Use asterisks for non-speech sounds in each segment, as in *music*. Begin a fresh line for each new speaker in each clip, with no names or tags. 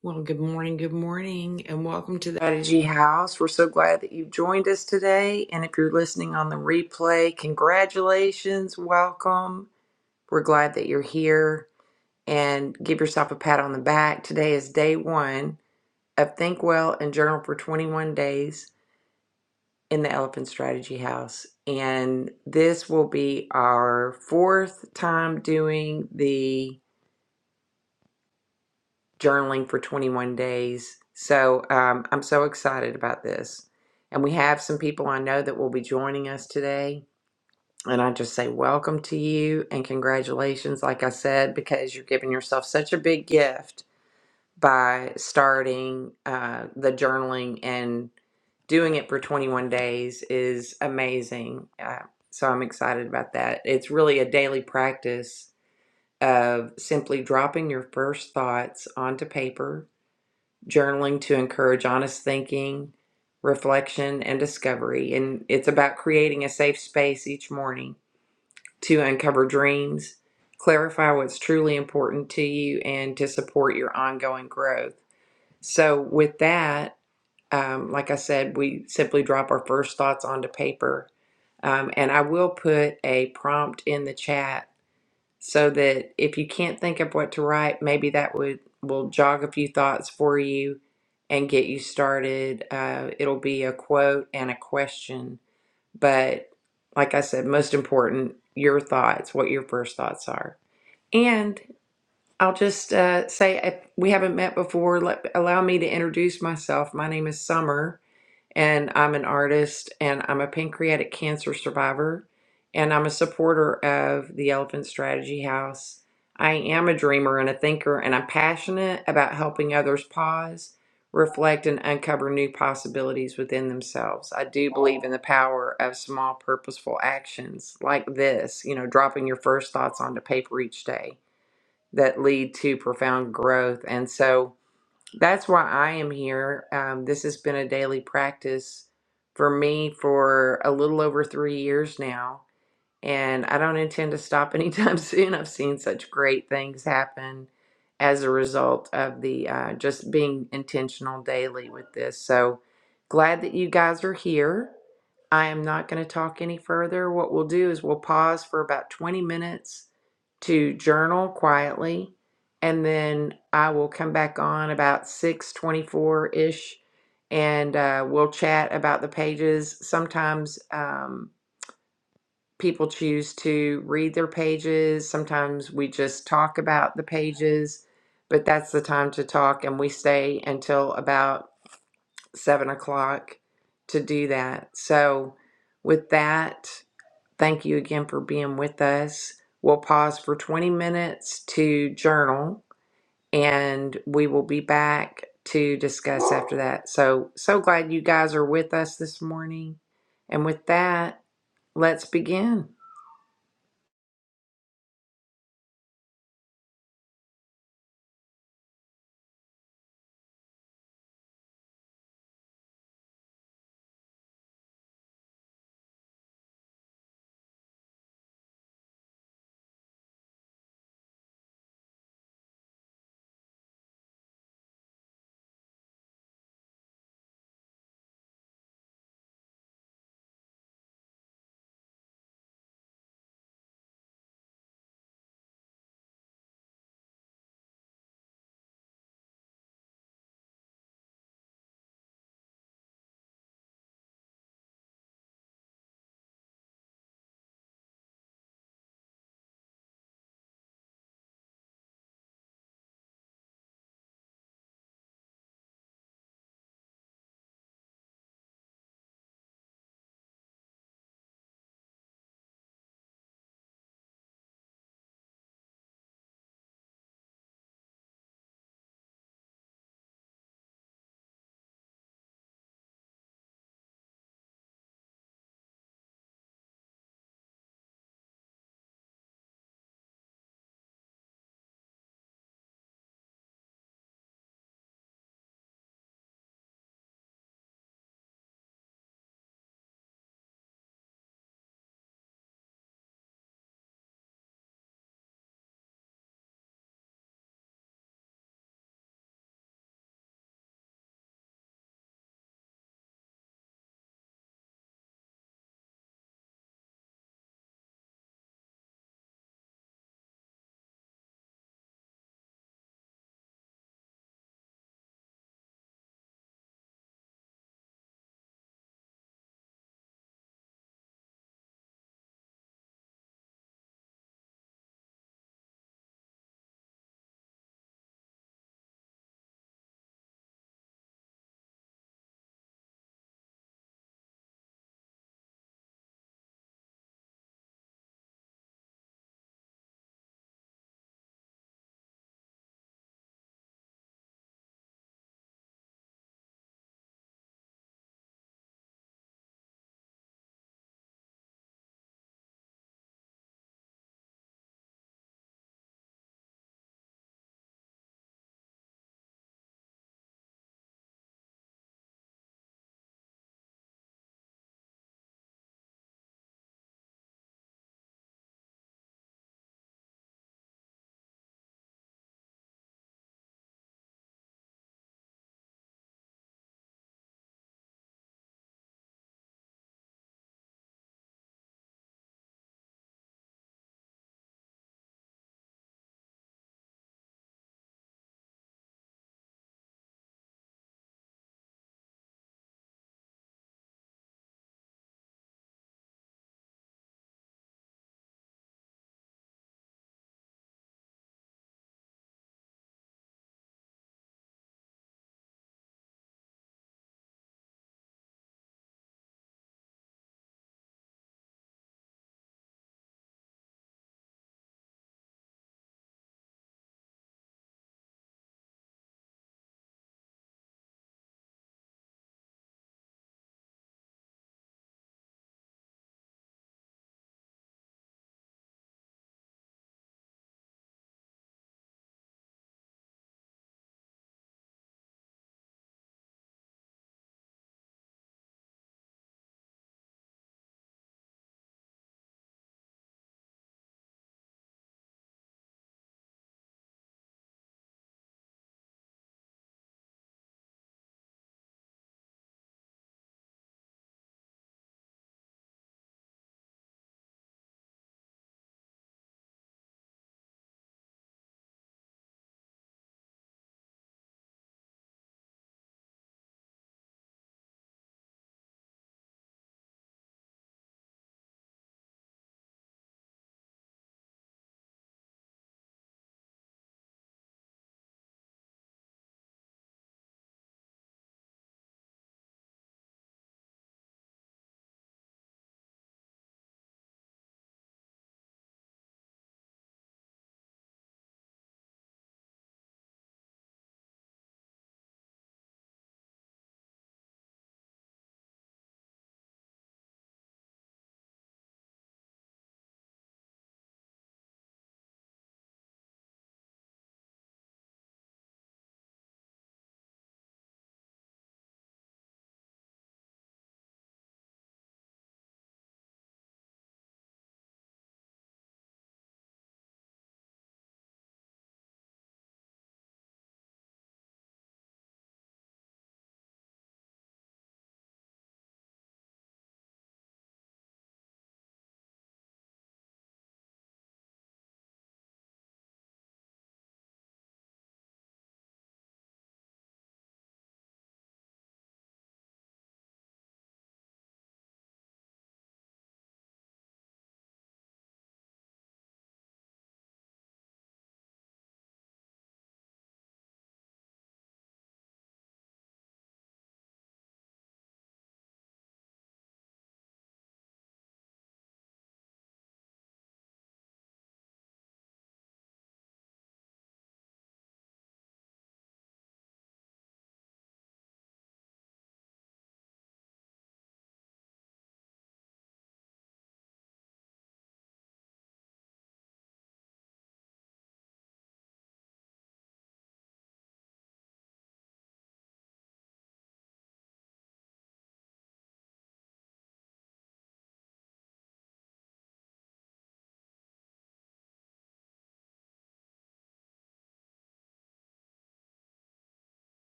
Well, good morning, good morning, and welcome to the Strategy House. We're so glad that you've joined us today. And if you're listening on the replay, congratulations, welcome. We're glad that you're here and give yourself a pat on the back. Today is day one of Think Well and Journal for 21 Days in the Elephant Strategy House. And this will be our fourth time doing the journaling for 21 days. So um, I'm so excited about this. And we have some people I know that will be joining us today. And I just say welcome to you and congratulations, like I said, because you're giving yourself such a big gift by starting uh, the journaling and doing it for 21 days is amazing. Uh, so I'm excited about that. It's really a daily practice of simply dropping your first thoughts onto paper journaling to encourage honest thinking, reflection, and discovery. And it's about creating a safe space each morning to uncover dreams, clarify what's truly important to you, and to support your ongoing growth. So, with that, um, like I said, we simply drop our first thoughts onto paper. Um, and I will put a prompt in the chat so that if you can't think of what to write, maybe that would will jog a few thoughts for you and get you started. Uh, it'll be a quote and a question, but like I said, most important, your thoughts, what your first thoughts are. And I'll just uh, say if we haven't met before. Let, allow me to introduce myself. My name is Summer and I'm an artist and I'm a pancreatic cancer survivor and I'm a supporter of the Elephant Strategy House. I am a dreamer and a thinker and I'm passionate about helping others pause, reflect and uncover new possibilities within themselves. I do believe in the power of small purposeful actions like this, you know, dropping your first thoughts onto paper each day that lead to profound growth. And so that's why I am here. Um, this has been a daily practice for me for a little over three years now and I don't intend to stop anytime *laughs* soon. I've seen such great things happen as a result of the uh, just being intentional daily with this. So glad that you guys are here. I am not going to talk any further. What we'll do is we'll pause for about 20 minutes to journal quietly and then I will come back on about 624 ish and uh, we'll chat about the pages. Sometimes um, people choose to read their pages. Sometimes we just talk about the pages, but that's the time to talk, and we stay until about seven o'clock to do that. So, with that, thank you again for being with us. We'll pause for 20 minutes to journal, and we will be back to discuss after that. So, so glad you guys are with us this morning. And with that, let's begin.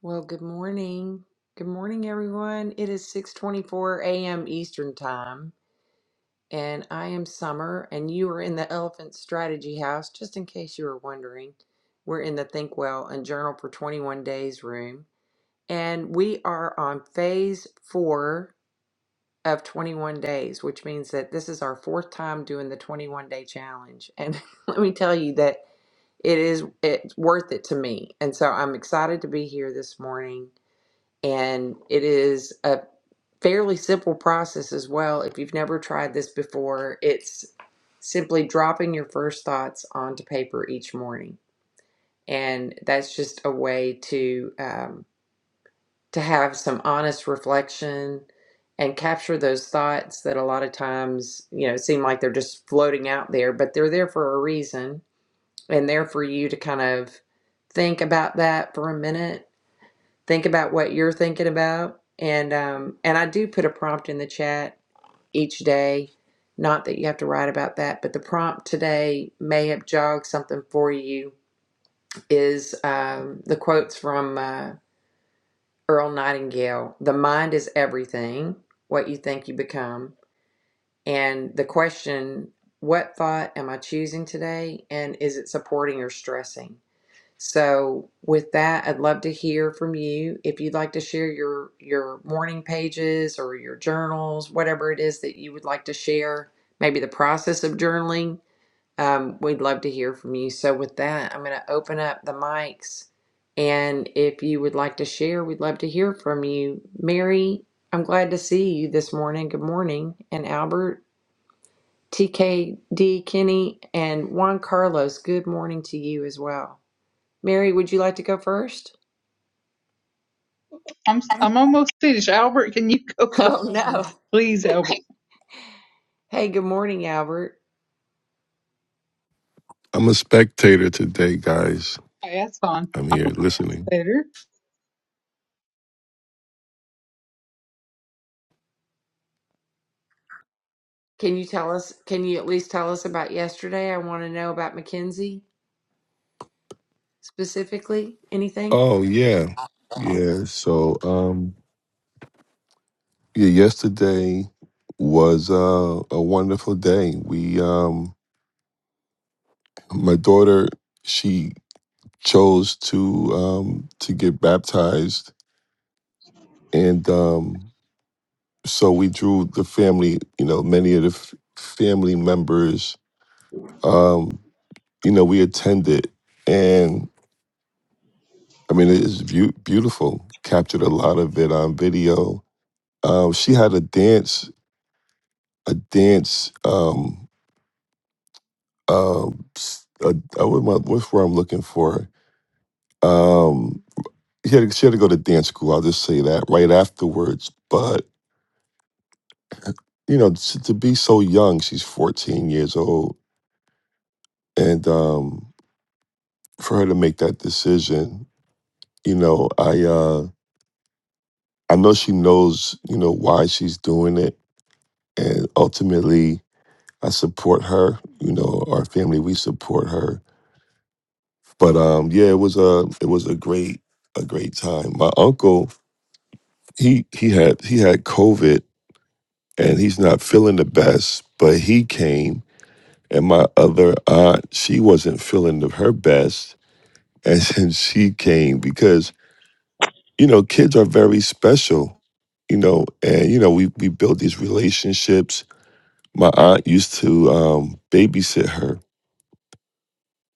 Well, good morning. Good morning, everyone. It is 6:24 a.m. Eastern Time, and I am Summer, and you are in the Elephant Strategy House, just in case you were wondering. We're in the Think Well and Journal for 21 Days room, and we are on phase 4 of 21 days, which means that this is our fourth time doing the 21 day challenge. And *laughs* let me tell you that it is it's worth it to me. And so I'm excited to be here this morning and it is a fairly simple process as well. If you've never tried this before, it's simply dropping your first thoughts onto paper each morning, and that's just a way to um, to have some honest reflection and capture those thoughts that a lot of times you know seem like they're just floating out there, but they're there for a reason and there for you to kind of think about that for a minute think about what you're thinking about and um and I do put a prompt in the chat each day not that you have to write about that but the prompt today may have jogged something for you is um the quotes from uh, Earl Nightingale the mind is everything what you think you become and the question what thought am I choosing today and is it supporting or stressing so with that, I'd love to hear from you. If you'd like to share your your morning pages or your journals, whatever it is that you would like to share, maybe the process of journaling, um, we'd love to hear from you. So with that, I'm going to open up the mics, and if you would like to share, we'd love to hear from you. Mary, I'm glad to see you this morning. Good morning, and Albert, TKD, Kenny, and Juan Carlos. Good morning to you as well. Mary, would you like to go first? *laughs*
I'm I'm almost finished. Albert, can you go *laughs* for
Oh, no.
please, Albert?
Hey, good morning, Albert.
I'm a spectator today, guys.
Okay, that's fine.
I'm here listening.
Later.
Can you tell us, can you at least tell us about yesterday? I want to know about Mackenzie specifically. Anything?
Oh yeah. Yeah. So um yeah, yesterday was uh, a wonderful day. We um my daughter, she chose to um to get baptized and um so we drew the family, you know, many of the f- family members um you know, we attended and I mean, it is beau- beautiful. Captured a lot of it on video Um, she had a dance, a dance. Um, um, s- a, I, what am I- what's where I'm looking for? Um, she had, she had to go to dance school. I'll just say that right afterwards. But you know, to, to be so young, she's 14 years old, and um, for her to make that decision, you know, I uh, I know she knows, you know, why she's doing it, and ultimately, I support her. You know, our family, we support her But um, yeah, it was a it was a great a great time. My uncle he he had he had COVID and he's not feeling the best, but he came. And my other aunt, she wasn't feeling the, her best, and *laughs* then she came because you know kids are very special, you know, and you know we we build these relationships. My aunt used to um, babysit her,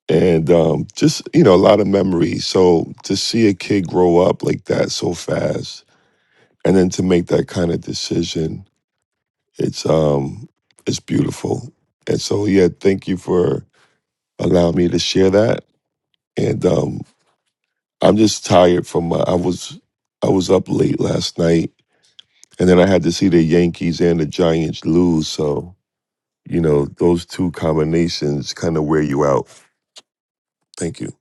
and um, just you know a lot of memories. So to see a kid grow up like that so fast and then to make that kind of decision it's um it's beautiful and so yeah thank you for allowing me to share that and um i'm just tired from my, i was i was up late last night and then i had to see the yankees and the giants lose so you know those two combinations kind of wear you out thank you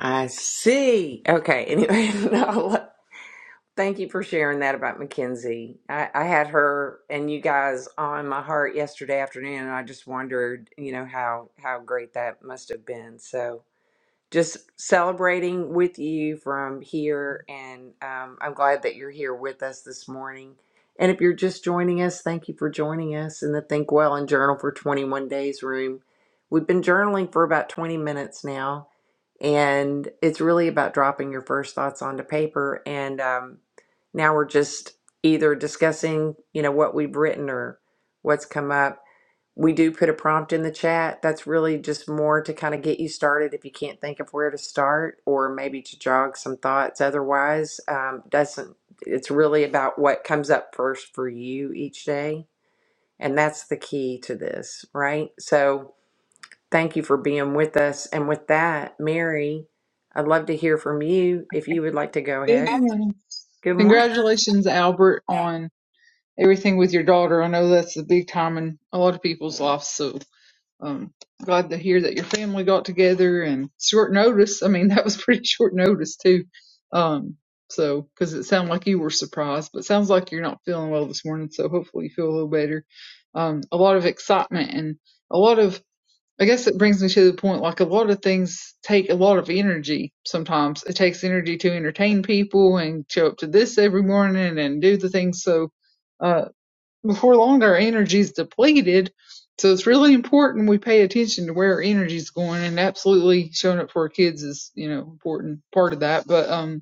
I see. Okay. Anyway, *laughs* no, thank you for sharing that about Mackenzie. I, I had her and you guys on my heart yesterday afternoon, and I just wondered, you know, how how great that must have been. So, just celebrating with you from here. And um, I'm glad that you're here with us this morning. And if you're just joining us, thank you for joining us in the Think Well and Journal for 21 Days room. We've been journaling for about 20 minutes now, and it's really about dropping your first thoughts onto paper. And um, now we're just either discussing, you know, what we've written or what's come up. We do put a prompt in the chat. That's really just more to kind of get you started if you can't think of where to start or maybe to jog some thoughts. Otherwise, um, doesn't it's really about what comes up first for you each day. And that's the key to this, right? So thank you for being with us. And with that, Mary, I'd love to hear from you if you would like to go
Good
ahead.
morning.
Good morning.
Congratulations, Albert, on everything with your daughter. I know that's a big time in a lot of people's lives, so um glad to hear that your family got together and short notice. I mean, *laughs* that was pretty short notice too. Um, so because it sounded like you were surprised, but it sounds like you're not feeling well this morning, so hopefully you feel a little better. Um, a lot of excitement and a lot of I guess it brings me to the point like a lot of things take a lot of energy sometimes. It takes energy to entertain people and show up to this every morning and do the things. So uh, before long, our energy is depleted. So it's really important we pay attention to where our energy is going and absolutely showing up for our kids is, you know, important part of that. But, um,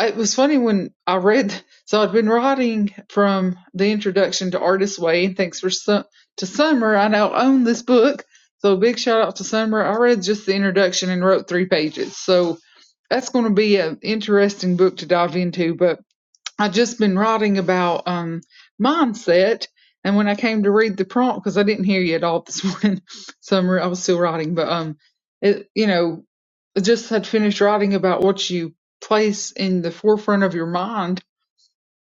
it was funny when I read. *laughs* So I'd been writing from the introduction to Artist Way, and thanks for su- to Summer. I now own this book, so big shout out to Summer. I read just the introduction and wrote three pages, so that's going to be an interesting book to dive into. But I've just been writing about um, mindset, and when I came to read the prompt, because I didn't hear you at all this morning, *laughs* Summer, I was still writing, but um, it you know just had finished writing about what you place in the forefront of your mind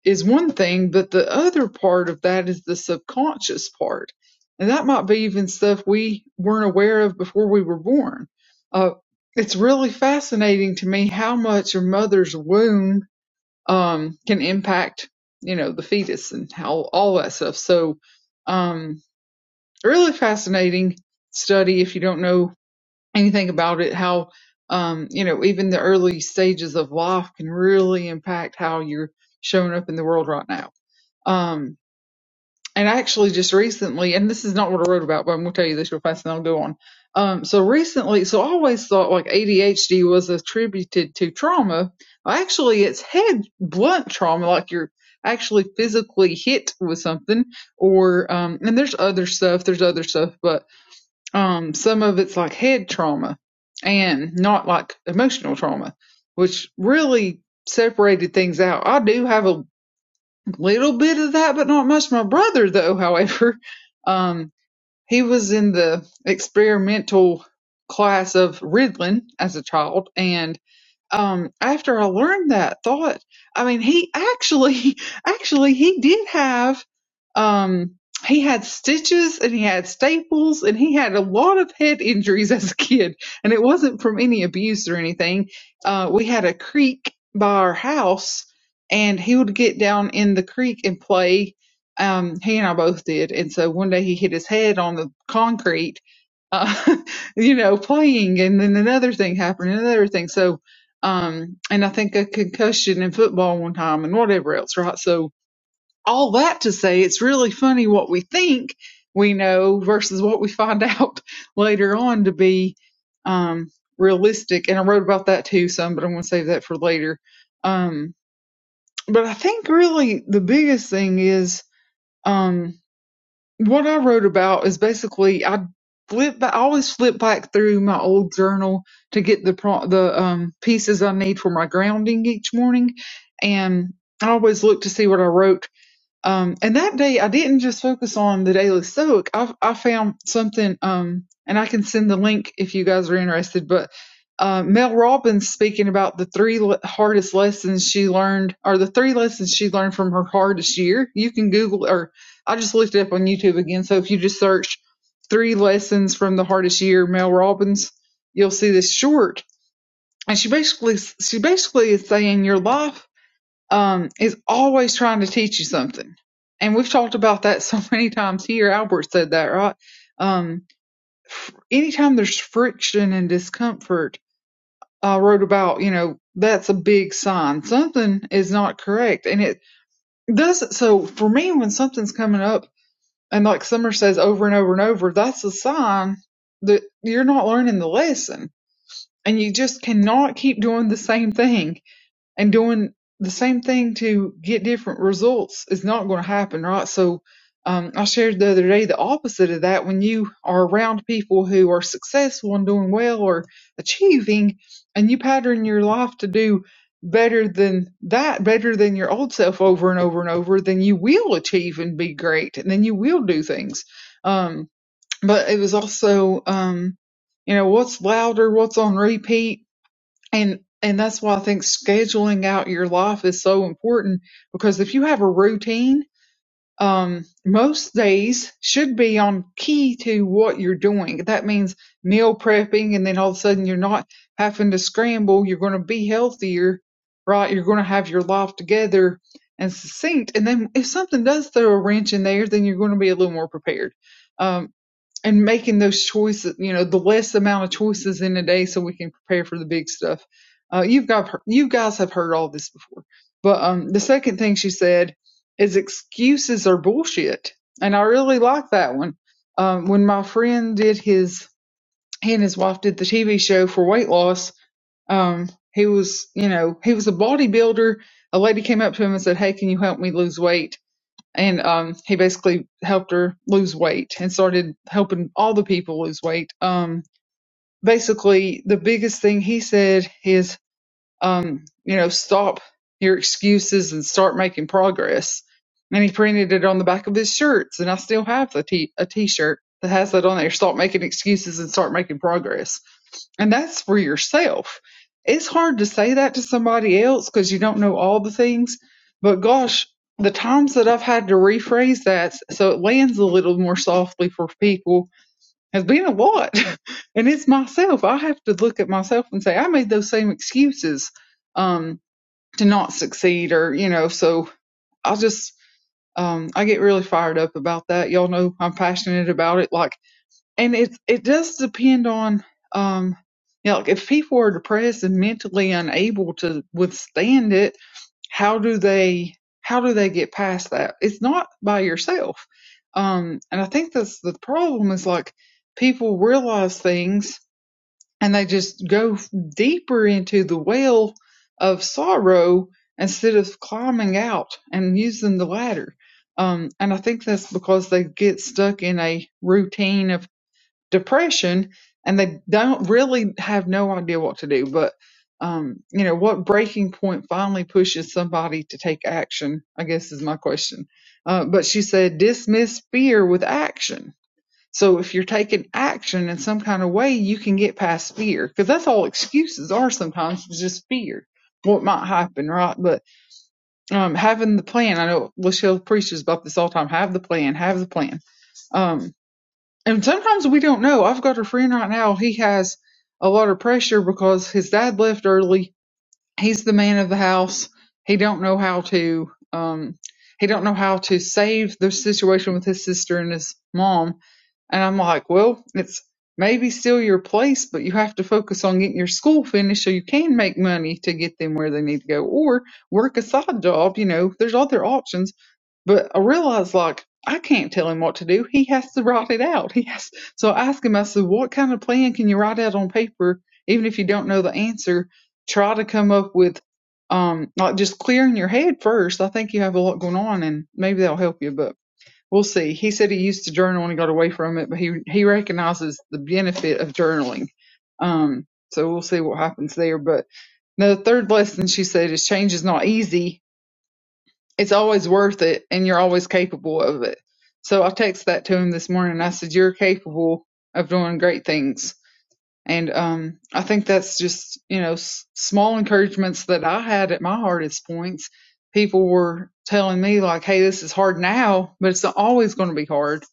is one thing, but the other part of that is the subconscious part. And that might be even stuff we weren't aware of before we were born. Uh, it's really fascinating to me how much your mother's womb um, can impact, you know, the fetus and how all that stuff. So, um, really fascinating study if you don't know and you think about it, how um, you know even the early stages of life can really impact how you're showing up in the world right now. Um, and actually, just recently, and this is not what I wrote about, but I'm going to tell you this real fast, and I'll go on. Um, so recently, so I always thought like ADHD was attributed to trauma. Well, Actually, it's head blunt trauma, like you're actually physically hit with something, or um, and there's other stuff. There's other stuff, but um, some of it's like head trauma and not like emotional trauma, which really separated things out. I do have a little bit of that, but not much. My brother, though, *laughs* however, um, he was in the experimental class of Ritalin as a child, and um, after I learned that thought, I mean, he actually, *laughs* actually, he did have, um, he had stitches and he had staples and he had a lot of head injuries *laughs* as a kid. And it wasn't from any abuse or anything. Uh, we had a creek by our house and he would get down in the creek and play. Um, he and I both did. And so one day he hit his head on the concrete, uh, *laughs* you know, playing. And then another thing happened, another thing. So, um, and I think a concussion in football one time and whatever else, right? So all that to say, it's really funny what we think we know versus what we find *laughs* out later on to be um, realistic. And I wrote about that too some, but I'm going to save that for later. Um, but I think really the biggest thing is. Um, what I wrote about is basically I flip, I always flip back through my old journal to get the pro, the um, pieces I need for my grounding each morning, and I always look to see what I wrote um, and that day, I didn't just focus on the daily stoic. I, I found something, um, and I can send the link if you guys are interested. But uh, Mel Robbins speaking about the three le- hardest lessons she learned, or the three lessons she learned from her hardest year. You can Google, or I just looked it up on YouTube again. So if you just search three lessons from the hardest year, Mel Robbins, you'll see this short. And she basically, she basically is saying your life um, is always trying to teach you something. And we've talked about that *laughs* so many times here. Albert said that, right? Um, anytime there's friction and discomfort, I wrote about, you know, that's a big sign. Something is not correct. And it doesn't, so for me, when something's coming up and like Summer says over and over and over, that's a sign that you're not learning the lesson and you just cannot keep doing the same thing and doing the same thing to get different results is not going to happen, right? So, um, I shared the other day the opposite of that. When you are around people who are successful and doing well or achieving, and you pattern your life to do better than that, better than your old self over and over and over, then you will achieve and be great, and then you will do things. Um, but it was also, um, you know, what's louder, what's on repeat and and that's why I think scheduling out your life is so important because if you have a routine, um, most days should be on key to what you're doing. That means meal prepping, and then all of a sudden you're not having to scramble. You're going to be healthier, right? You're going to have your life together and succinct. And then if something does throw a wrench in there, then you're going to be a little more prepared. Um, and making those choices, you know, the less amount of choices in a day so we can prepare for the big stuff. Uh, you've got, you guys have heard all this before. But, um, the second thing she said is excuses are bullshit. And I really like that one. Um, when my friend did his, he and his wife did the TV show for weight loss, um, he was, you know, he was a bodybuilder. A lady came up to him and said, Hey, can you help me lose weight? and um, he basically helped her lose weight and started helping all the people lose weight. Um, basically, the biggest thing he said is um, you know, stop your excuses and start making progress. And he printed it on the back of his shirts, and I still have a t a t-shirt that has that on there. Stop making excuses and start making progress. And that's for yourself. It's hard to say that to somebody else because you don't know all the things. But gosh, the times that I've had to rephrase that so it lands a little more softly for people has been a lot. *laughs* and it's myself. I have to look at myself and say, I made those same excuses um, to not succeed or, you know, so I just, um, I get really fired up about that. Y'all know I'm passionate about it. Like, and it, it does depend on, um, you know, like if people are depressed and mentally unable to withstand it, how do they how do they get past that it's not by yourself um and i think that's the problem is like people realize things and they just go deeper into the well of sorrow instead of climbing out and using the ladder um and i think that's because they get stuck in a routine of depression and they don't really have no idea what to do but um you know what breaking point finally pushes somebody to take action i guess is my question uh, but she said dismiss fear with action so if you're taking action in some kind of way you can get past fear because that's all excuses are sometimes is just fear what might happen right but um having the plan i know lachelle preaches about this all the time have the plan have the plan um and sometimes we don't know. I've got a friend right now. He has a lot of pressure because his dad left early. He's the man of the house. He don't know how to um he don't know how to save the situation with his sister and his mom. And I'm like, well, it's maybe still your place, but you have to focus on getting your school finished so you can make money to get them where they need to go or work a side job, you know. There's other options but I realized like I can't tell him what to do. He has to write it out. He has *laughs* so I asked him, I said, What kind of plan can you write out on paper, even if you don't know the answer? Try to come up with um like just clearing your head first. I think you have a lot going on and maybe that'll help you, but we'll see. He said he used to journal and he got away from it, but he he recognizes the benefit of journaling. Um so we'll see what happens there. But the third lesson she said is change is not easy it's always worth it and you're always capable of it. So I texted that to him this morning. I said, You're capable of doing great things. And um, I think that's just, you know, s- small encouragements that I had at my hardest points. People were telling me, like, hey, this is hard now, but it's always going to be hard,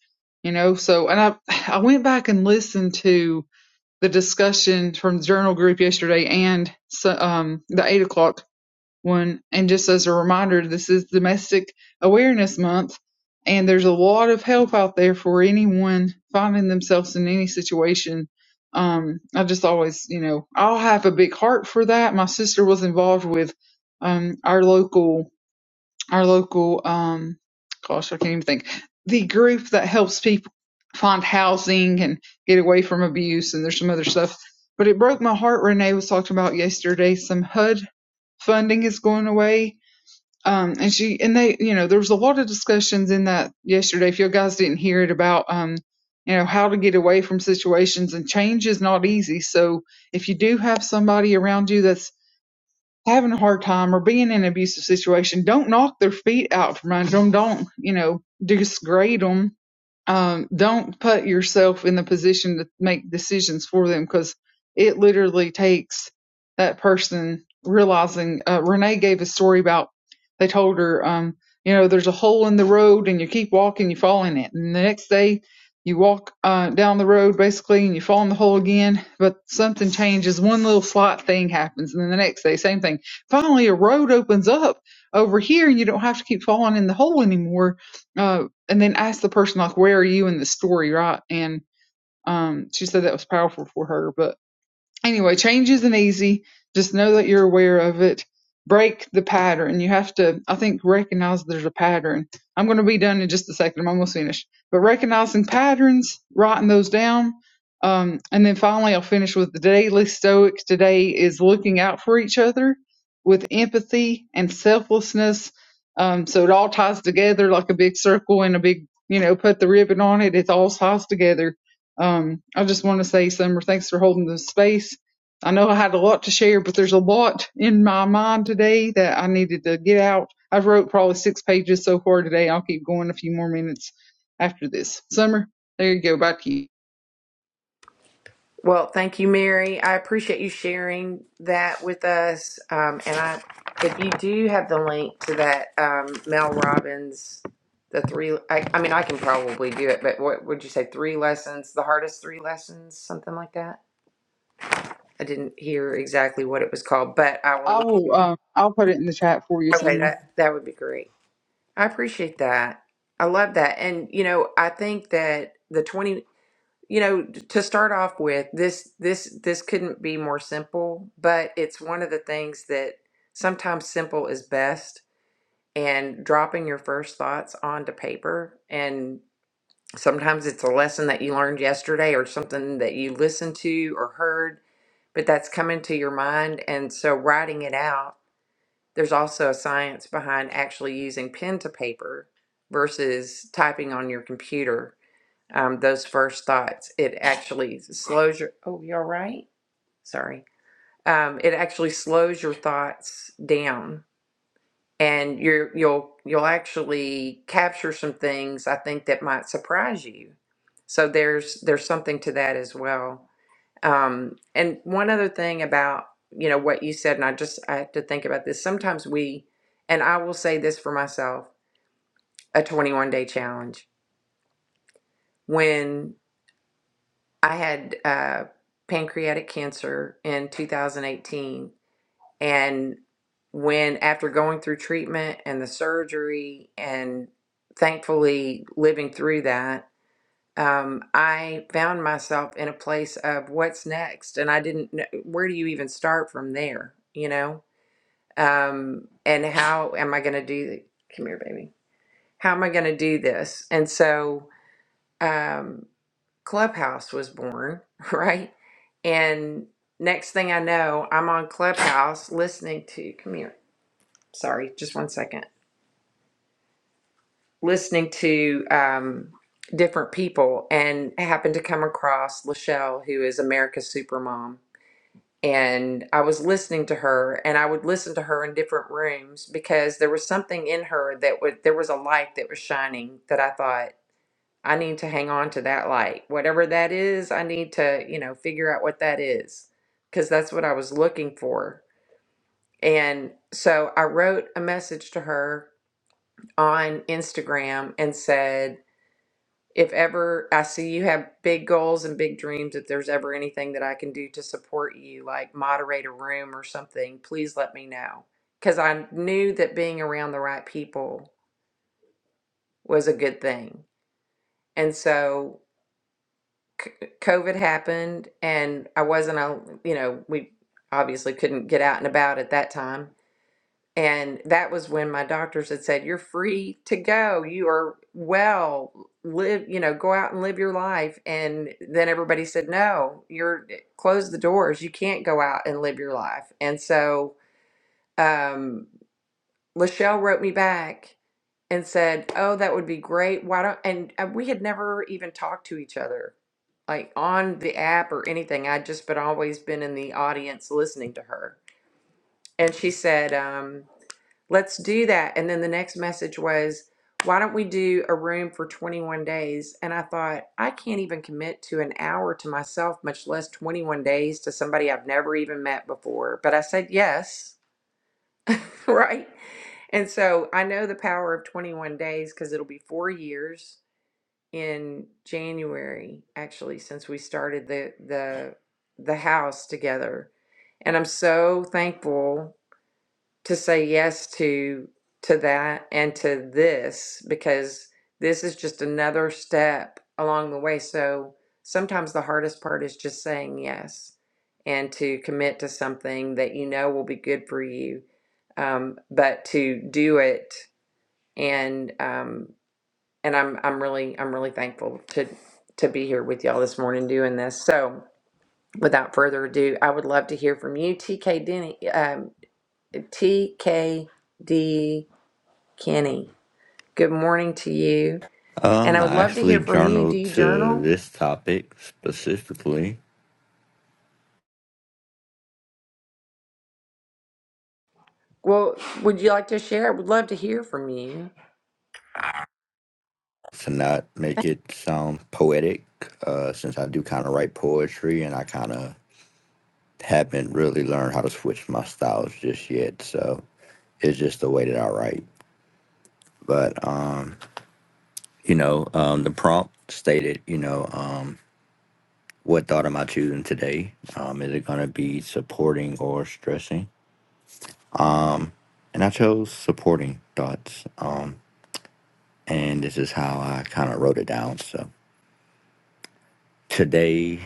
you know? So, and I, I went back and listened to the discussion from the journal group yesterday and so, um, the eight o'clock one. And just as a reminder, this is Domestic Awareness Month, and there's a lot of help out there for anyone finding themselves in any situation. Um, I just always, you know, I'll have a big heart for that. My sister was involved with um, our local our local um gosh i can't even think the group that helps people find housing and get away from abuse and there's some other stuff but it broke my heart renee was talking about yesterday some hud funding is going away um and she and they you know there was a lot of discussions in that yesterday if you guys didn't hear it about um you know how to get away from situations and change is not easy so if you do have somebody around you that's having a hard time or being in an abusive situation, don't knock their feet out from under them. Don't, you know, disgrade them um, don't put yourself in the position to make decisions for them because it literally takes that person realizing. Uh, Renee gave a story about they told her, um, you know, there's a hole in the road and you keep walking, you fall in it. And the next day you walk uh, down the road basically and you fall in the hole again, but something changes. One little slight thing happens. And then the next day, same thing. Finally, a road opens up over here and you don't have to keep falling in the hole anymore Uh, and then asked the person like where are you in the story right and um she said that was powerful for her but anyway, change isn't easy. Just know that you're aware of it. Break the pattern. You have to, I think, recognize there's a pattern. I'm going to be done in just a second. I'm almost finished. But recognizing patterns, writing those down, um, and then finally, I'll finish with the daily stoic today is looking out for each other with empathy and selflessness. Um, so it all ties together like a big circle and a big, you know, put the ribbon on it. It all ties together um, I just want to say, Summer, thanks for holding the space. I know I had a lot to share, but there's a lot in my mind today that I needed to get out. I've wrote probably six pages so far today. I'll keep going a few more minutes after this. Summer, there you go. Back to you.
Well, thank you, Mary. I appreciate you sharing that with us. Um, and I, if you do have the link to that um, Mel Robbins, the three, I, I mean, I can probably do it, but what would you say? Three lessons, the hardest three lessons, something like that. I didn't hear exactly what it was called, but I will.
I
Look,
will. Uh, I'll put it in the chat for you,
okay,
Summer.
that that would be great. I appreciate that. I love that, and you know, I think that the 20 you know to start off with this this this couldn't be more simple but it's one of the things that sometimes simple is best and dropping your first thoughts onto paper and sometimes it's a lesson that you learned yesterday or something that you listened to or heard but that's coming to your mind and so writing it out there's also a science behind actually using pen to paper versus typing on your computer um, those first thoughts. It actually slows your, oh, you're right. Sorry. Um, it actually slows your thoughts down and you're, you'll, you'll actually capture some things I think that might surprise you. So there's, there's something to that as well. Um, and one other thing about, you know, what you said, and I just, I have to think about this. Sometimes we, and I will say this for myself, a 21 day challenge. when. I had uh, pancreatic cancer in 2018. And when, after going through treatment and the surgery, and thankfully living through that, um, I found myself in a place of what's next. And I didn't know where do you even start from there, you know? Um, and how am I going to do? Come here, baby. How am I going to do this? And so, um, Clubhouse was born, *laughs* right? And next thing I know, I'm on Clubhouse listening to, come here, sorry, just one second, listening to um, different people and I happened to come across Lachelle, who is America's Supermom. And I was listening to her, and I would listen to her in different rooms because there was something in her that would, there was a light that was shining that I thought, I need to hang on to that light. Whatever that is, I need to, you know, figure out what that is because that's what I was looking for. And so I wrote a message to her on Instagram and said, if ever I see you have big goals and big dreams, if there's ever anything that I can do to support you, like moderate a room or something, please let me know. Because I knew that being around the right people was a good thing. And so c- COVID happened and I wasn't on, you know, we obviously couldn't get out and about at that time. And that was when my doctors had said, You're free to go. You are well. Live, you know, go out and live your life. And then everybody said, No, you're close the doors. You can't go out and live your life. And so um, Lachelle wrote me back and said, "Oh, that would be great. Why don't?" And, and we had never even talked to each other, like on the app or anything. I'd just been always been in the audience listening to her. And she said, um, "Let's do that." And then the next message was, "Why don't we do a room for 21 days?" And I thought, I can't even commit to an hour to myself, much less 21 days to somebody I've never even met before. But I said yes *laughs* right? And so I know the power of 21 days because it'll be four years in January, actually, since we started the the the house together. And I'm so thankful to say yes to to that and to this because this is just another step along the way so sometimes the hardest part is just saying yes and to commit to something that you know will be good for you um, but to do it and um, and I'm I'm really I'm really thankful to to be here with y'all this morning doing this so without further ado I would love to hear from you TK Denny um, TK Kenny, good morning to you. And I
Um,
would
I
love to
actually
hear from you. Do
journaled
you
to
journal?
this topic specifically
Well, would you like to share? I would love to hear from you.
to not make it sound poetic, uh, since I do kind of write poetry and I kind of haven't really learned how to switch my styles just yet. So it's just the way that I write. But, um, you know, um, the prompt stated, you know, um, what thought am I choosing today? Um, is it going to be supporting or stressing? And I chose supporting thoughts. Um, and this is how I kind of wrote it down. So. Today,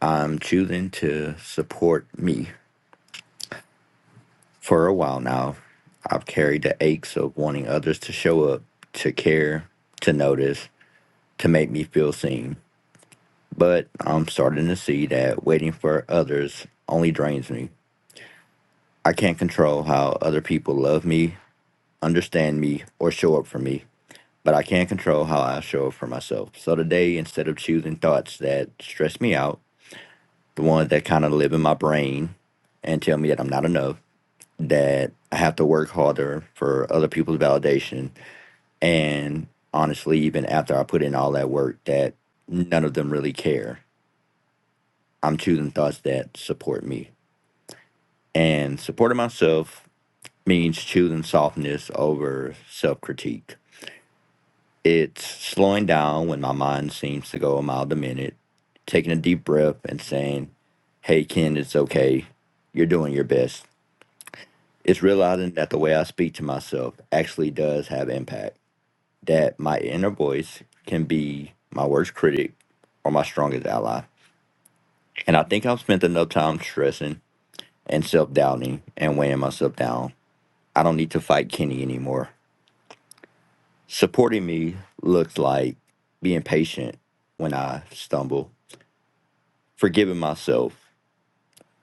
I'm choosing to support me. For a while now, I've carried the aches of wanting others to show up, to care, to notice, to make me feel seen. But I'm starting to see that waiting for others only drains me. I can't control how other people love me, understand me, or show up for me, but I can control how I show up for myself. So today, instead of choosing thoughts that stress me out, the ones that kind of live in my brain and tell me that I'm not enough, that I have to work harder for other people's validation. And honestly, even after I put in all that work, that none of them really care. I'm choosing thoughts that support me. And supporting myself means choosing softness over self critique. It's slowing down when my mind seems to go a mile a minute, taking a deep breath and saying, Hey, Ken, it's okay. You're doing your best It's realizing that the way I speak to myself actually does have impact, that my inner voice can be my worst critic or my strongest ally. And I think I've spent enough time stressing and self doubting and weighing myself down. I don't need to fight Kenny anymore. Supporting me looks like being patient when I stumble, forgiving myself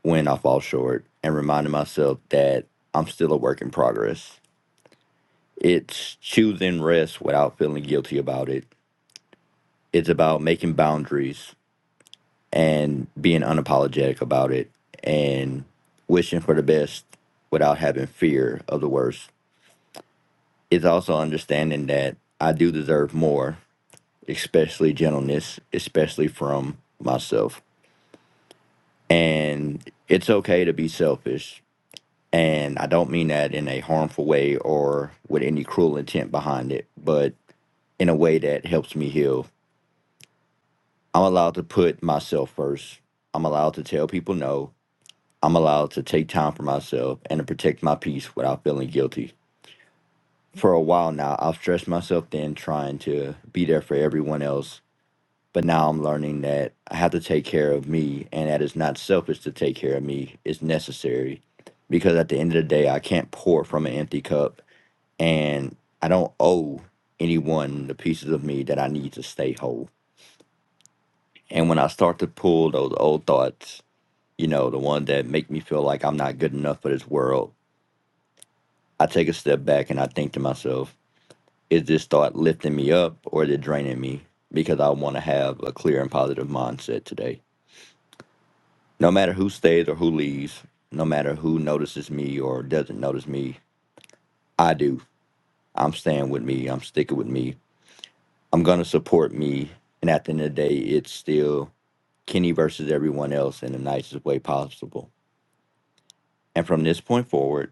when I fall short, and reminding myself that I'm still a work in progress. It's choosing rest without feeling guilty about it It's about making boundaries and being unapologetic about it and wishing for the best without having fear of the worst. It's also understanding that I do deserve more, especially gentleness, especially from myself. And it's okay to be selfish. And I don't mean that in a harmful way or with any cruel intent behind it, but in a way that helps me heal. I'm allowed to put myself first. I'm allowed to tell people no. I'm allowed to take time for myself and to protect my peace without feeling guilty. For a while now, I've stressed myself thin trying to be there for everyone else, but now I'm learning that I have to take care of me and that it's not selfish to take care of me, it's necessary. Because at the end of the day, I can't pour from an empty cup and I don't owe anyone the pieces of me that I need to stay whole. And when I start to pull those old thoughts, you know, the ones that make me feel like I'm not good enough for this world, I take a step back and I think to myself, is this thought lifting me up or is it draining me? Because I want to have a clear and positive mindset today. No matter who stays or who leaves, no matter who notices me or doesn't notice me, I do. I'm staying with me. I'm sticking with me. I'm going to support me. And at the end of the day, it's still Kenny versus everyone else in the nicest way possible. And from this point forward,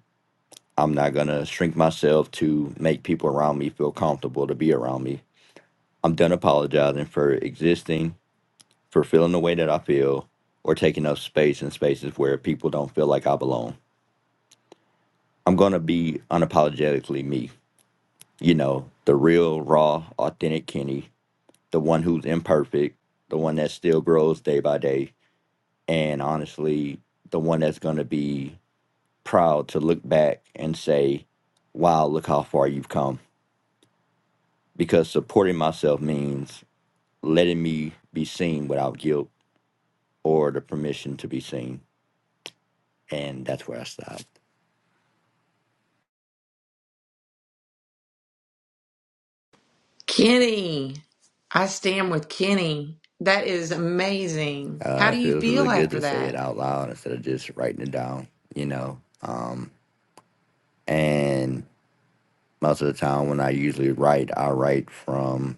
I'm not going to shrink myself to make people around me feel comfortable to be around me. I'm done apologizing for existing, for feeling the way that I feel, or taking up space in spaces where people don't feel like I belong. I'm going to be unapologetically me, you know, the real, raw, authentic Kenny, the one who's imperfect, the one that still grows day by day, and honestly, the one that's going to be proud to look back and say, wow, look how far you've come. Because supporting myself means letting me be seen without guilt or the permission to be seen. And that's where I stopped.
Kenny, I stand with Kenny. That is amazing. How
Uh,
do
it
you
feels really
feel
good
after
to say it
that?
out loud instead of just writing it down, you know. Um, and most of the time when I usually write, I write from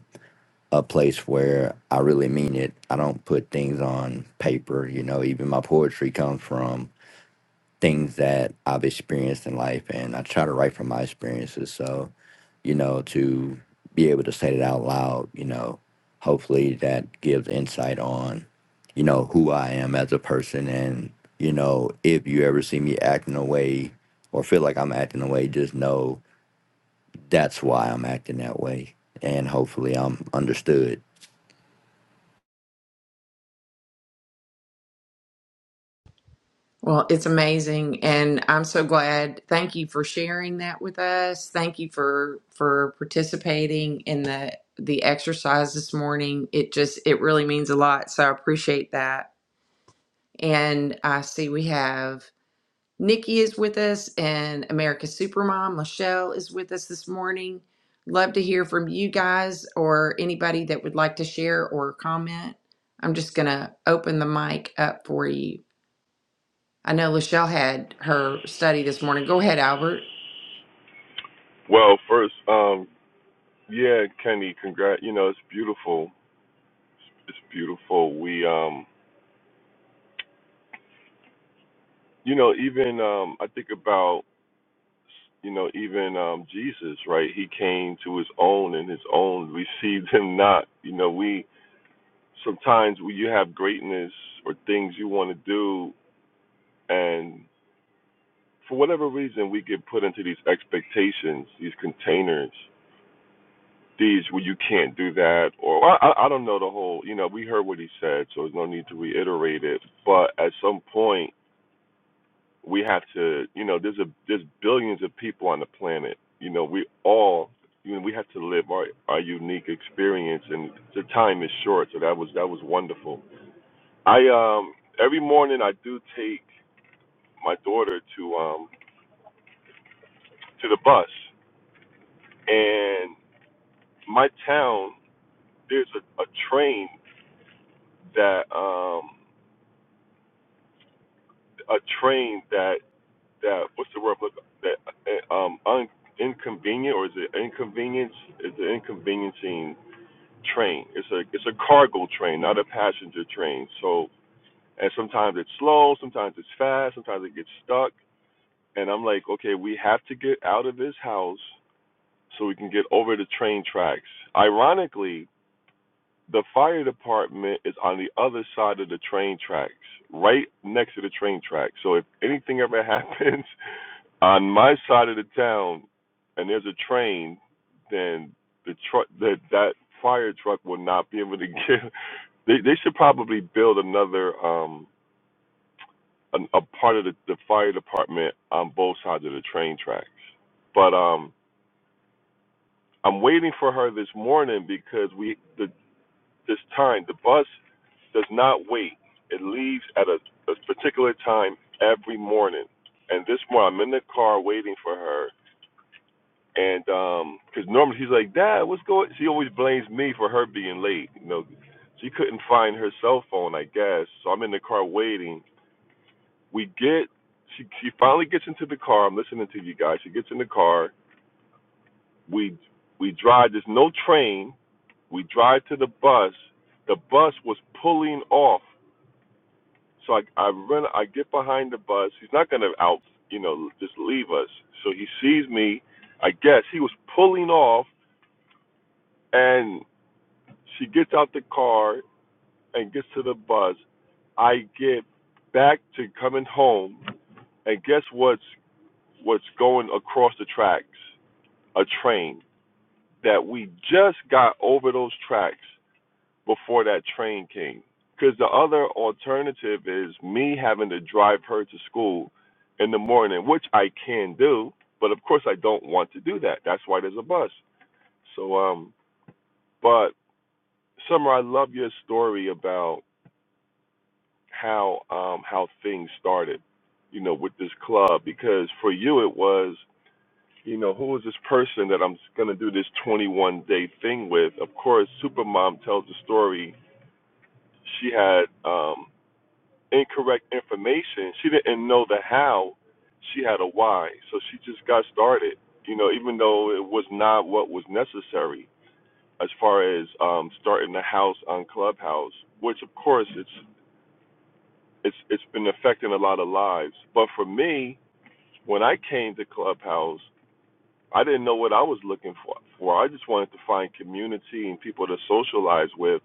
a place where I really mean it. I don't put things on paper, you know, even my poetry comes from things that I've experienced in life, and I try to write from my experiences. So, you know, to be able to say it out loud, you know, hopefully that gives insight on, you know, who I am as a person. And, you know, if you ever see me acting a way or feel like I'm acting a way, just know that's why I'm acting that way. And hopefully I'm understood.
Well, it's amazing and I'm so glad. Thank you for sharing that with us. Thank you for for participating in the the exercise this morning. It just it really means a lot. So I appreciate that. And I see we have Nikki is with us and America's Supermom, Michelle is with us this morning. Love to hear from you guys or anybody that would like to share or comment. I'm just going to open the mic up for you. I know Lachelle had her study this morning. Go ahead, Albert.
Well, first, um, yeah, Kenny, congrat. You know, it's beautiful. It's beautiful. We, um, you know, even um, I think about You know, even um, Jesus, right? He came to his own, and his own received him not. You know, we sometimes we, you have greatness or things you want to do, and for whatever reason, we get put into these expectations, these containers, these where you can't do that, or I, I I don't know the whole. You know, we heard what he said, so there's no need to reiterate it. But at some point we have to, you know, there's a there's billions of people on the planet. You know, we all, you know, we have to live our our unique experience, and the time is short. So that was that was wonderful. I um every morning I do take my daughter to um to the bus, and my town there's a, a train that um a train that that what's the word that uh, um un, inconvenient or is it inconvenience is it inconveniencing train. It's a it's a cargo train, not a passenger train. So and sometimes it's slow, sometimes it's fast, sometimes it gets stuck. And I'm like, okay, we have to get out of this house so we can get over the train tracks. Ironically, the fire department is on the other side of the train tracks, right next to the train tracks. So if anything ever *laughs* happens on my side of the town and there's a train, then the truck that that fire truck will not be able to *laughs* get they they should probably build another um an, a part of the, the fire department on both sides of the train tracks. But um I'm waiting for her this morning because we the this time the bus does not wait. It leaves at a, a particular time every morning. And this morning I'm in the car waiting for her. And um 'cause normally she's like, Dad, what's going? She always blames me for her being late. You know, she couldn't find her cell phone, I guess. So I'm in the car waiting we get she she finally gets into the car. I'm listening to you guys. She gets in the car. We we drive. There's no train. We drive to the bus. The bus was pulling off. So I I run. I get behind the bus. He's not gonna out you know just leave us. So he sees me. I guess he was pulling off, and she gets out the car and gets to the bus. I get back to coming home, and guess what's what's going across the tracks? a train that we just got over those tracks before that train came. Because the other alternative is me having to drive her to school in the morning, which I can do, but of course I don't want to do that. That's why there's a bus. So, um, but Summer, I love your story about how um, how things started, you know, with this club. Because for you, it was you know, who is this person that I'm going to do this 21 day thing with? Of course, Supermom tells the story. She had um, incorrect information. She didn't know the how. She had a why. So she just got started, you know, even though it was not what was necessary as far as um, starting the house on Clubhouse, which of course it's it's it's been affecting a lot of lives. But for me, when I came to Clubhouse, I didn't know what I was looking for. For I just wanted to find community and people to socialize with.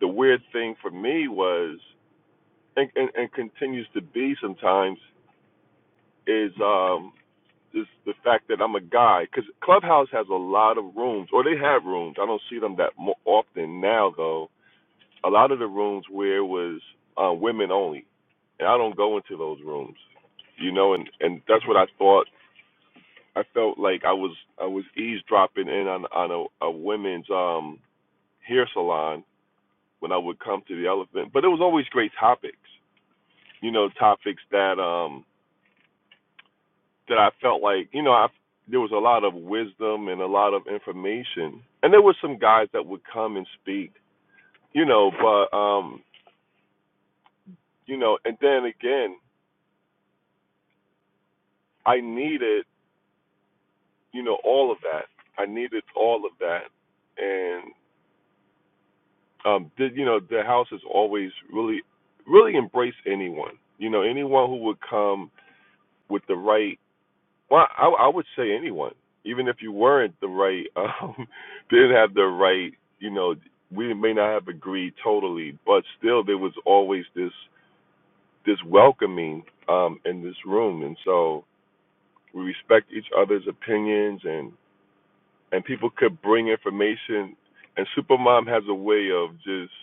The weird thing for me was, and, and, and continues to be sometimes, is um, is the fact that I'm a guy. Because Clubhouse has a lot of rooms, or they have rooms. I don't see them that mo often now, though. A lot of the rooms where it was uh, women only, and I don't go into those rooms, you know. And and that's what I thought I felt like I was I was eavesdropping in on on a, a women's um hair salon when I would come to the Elephant, but it was always great topics, you know, topics that um that I felt like you know I there was a lot of wisdom and a lot of information, and there were some guys that would come and speak, you know, but um you know, and then again I needed you know all of that I needed all of that, and um, the, you know, the house has always really, really embraced anyone. You know, anyone who would come with the right. Well, I, I would say anyone, even if you weren't the right, um, *laughs* didn't have the right. You know, we may not have agreed totally, but still there was always this this welcoming um, in this room, and so we respect each other's opinions, and and people could bring information, and Supermom has a way of just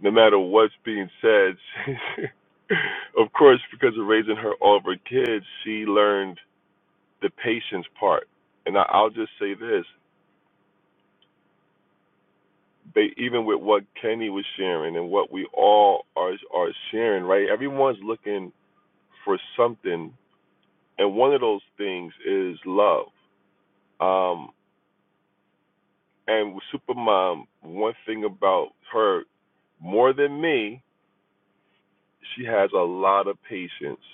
no matter what's being said, *laughs* of course, because of raising her all of her kids, she learned the patience part. And I, I'll just say this: they, even with what Kenny was sharing and what we all are are sharing, right? Everyone's looking for something, and one of those things is love. Um, and with Supermom, one thing about her more than me, she has a lot of patience